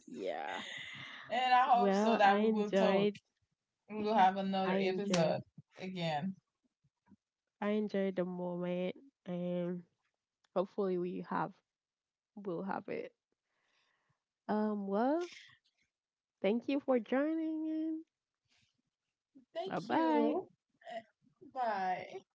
Speaker 1: yeah.
Speaker 2: and I hope
Speaker 1: Well,
Speaker 2: so that we will talk. We will have
Speaker 1: I
Speaker 2: another
Speaker 1: enjoyed,
Speaker 2: episode again.
Speaker 1: I enjoyed the moment, and hopefully we'll have it. Well. Thank you for joining in. Bye
Speaker 2: Thank
Speaker 1: bye.
Speaker 2: you. Bye.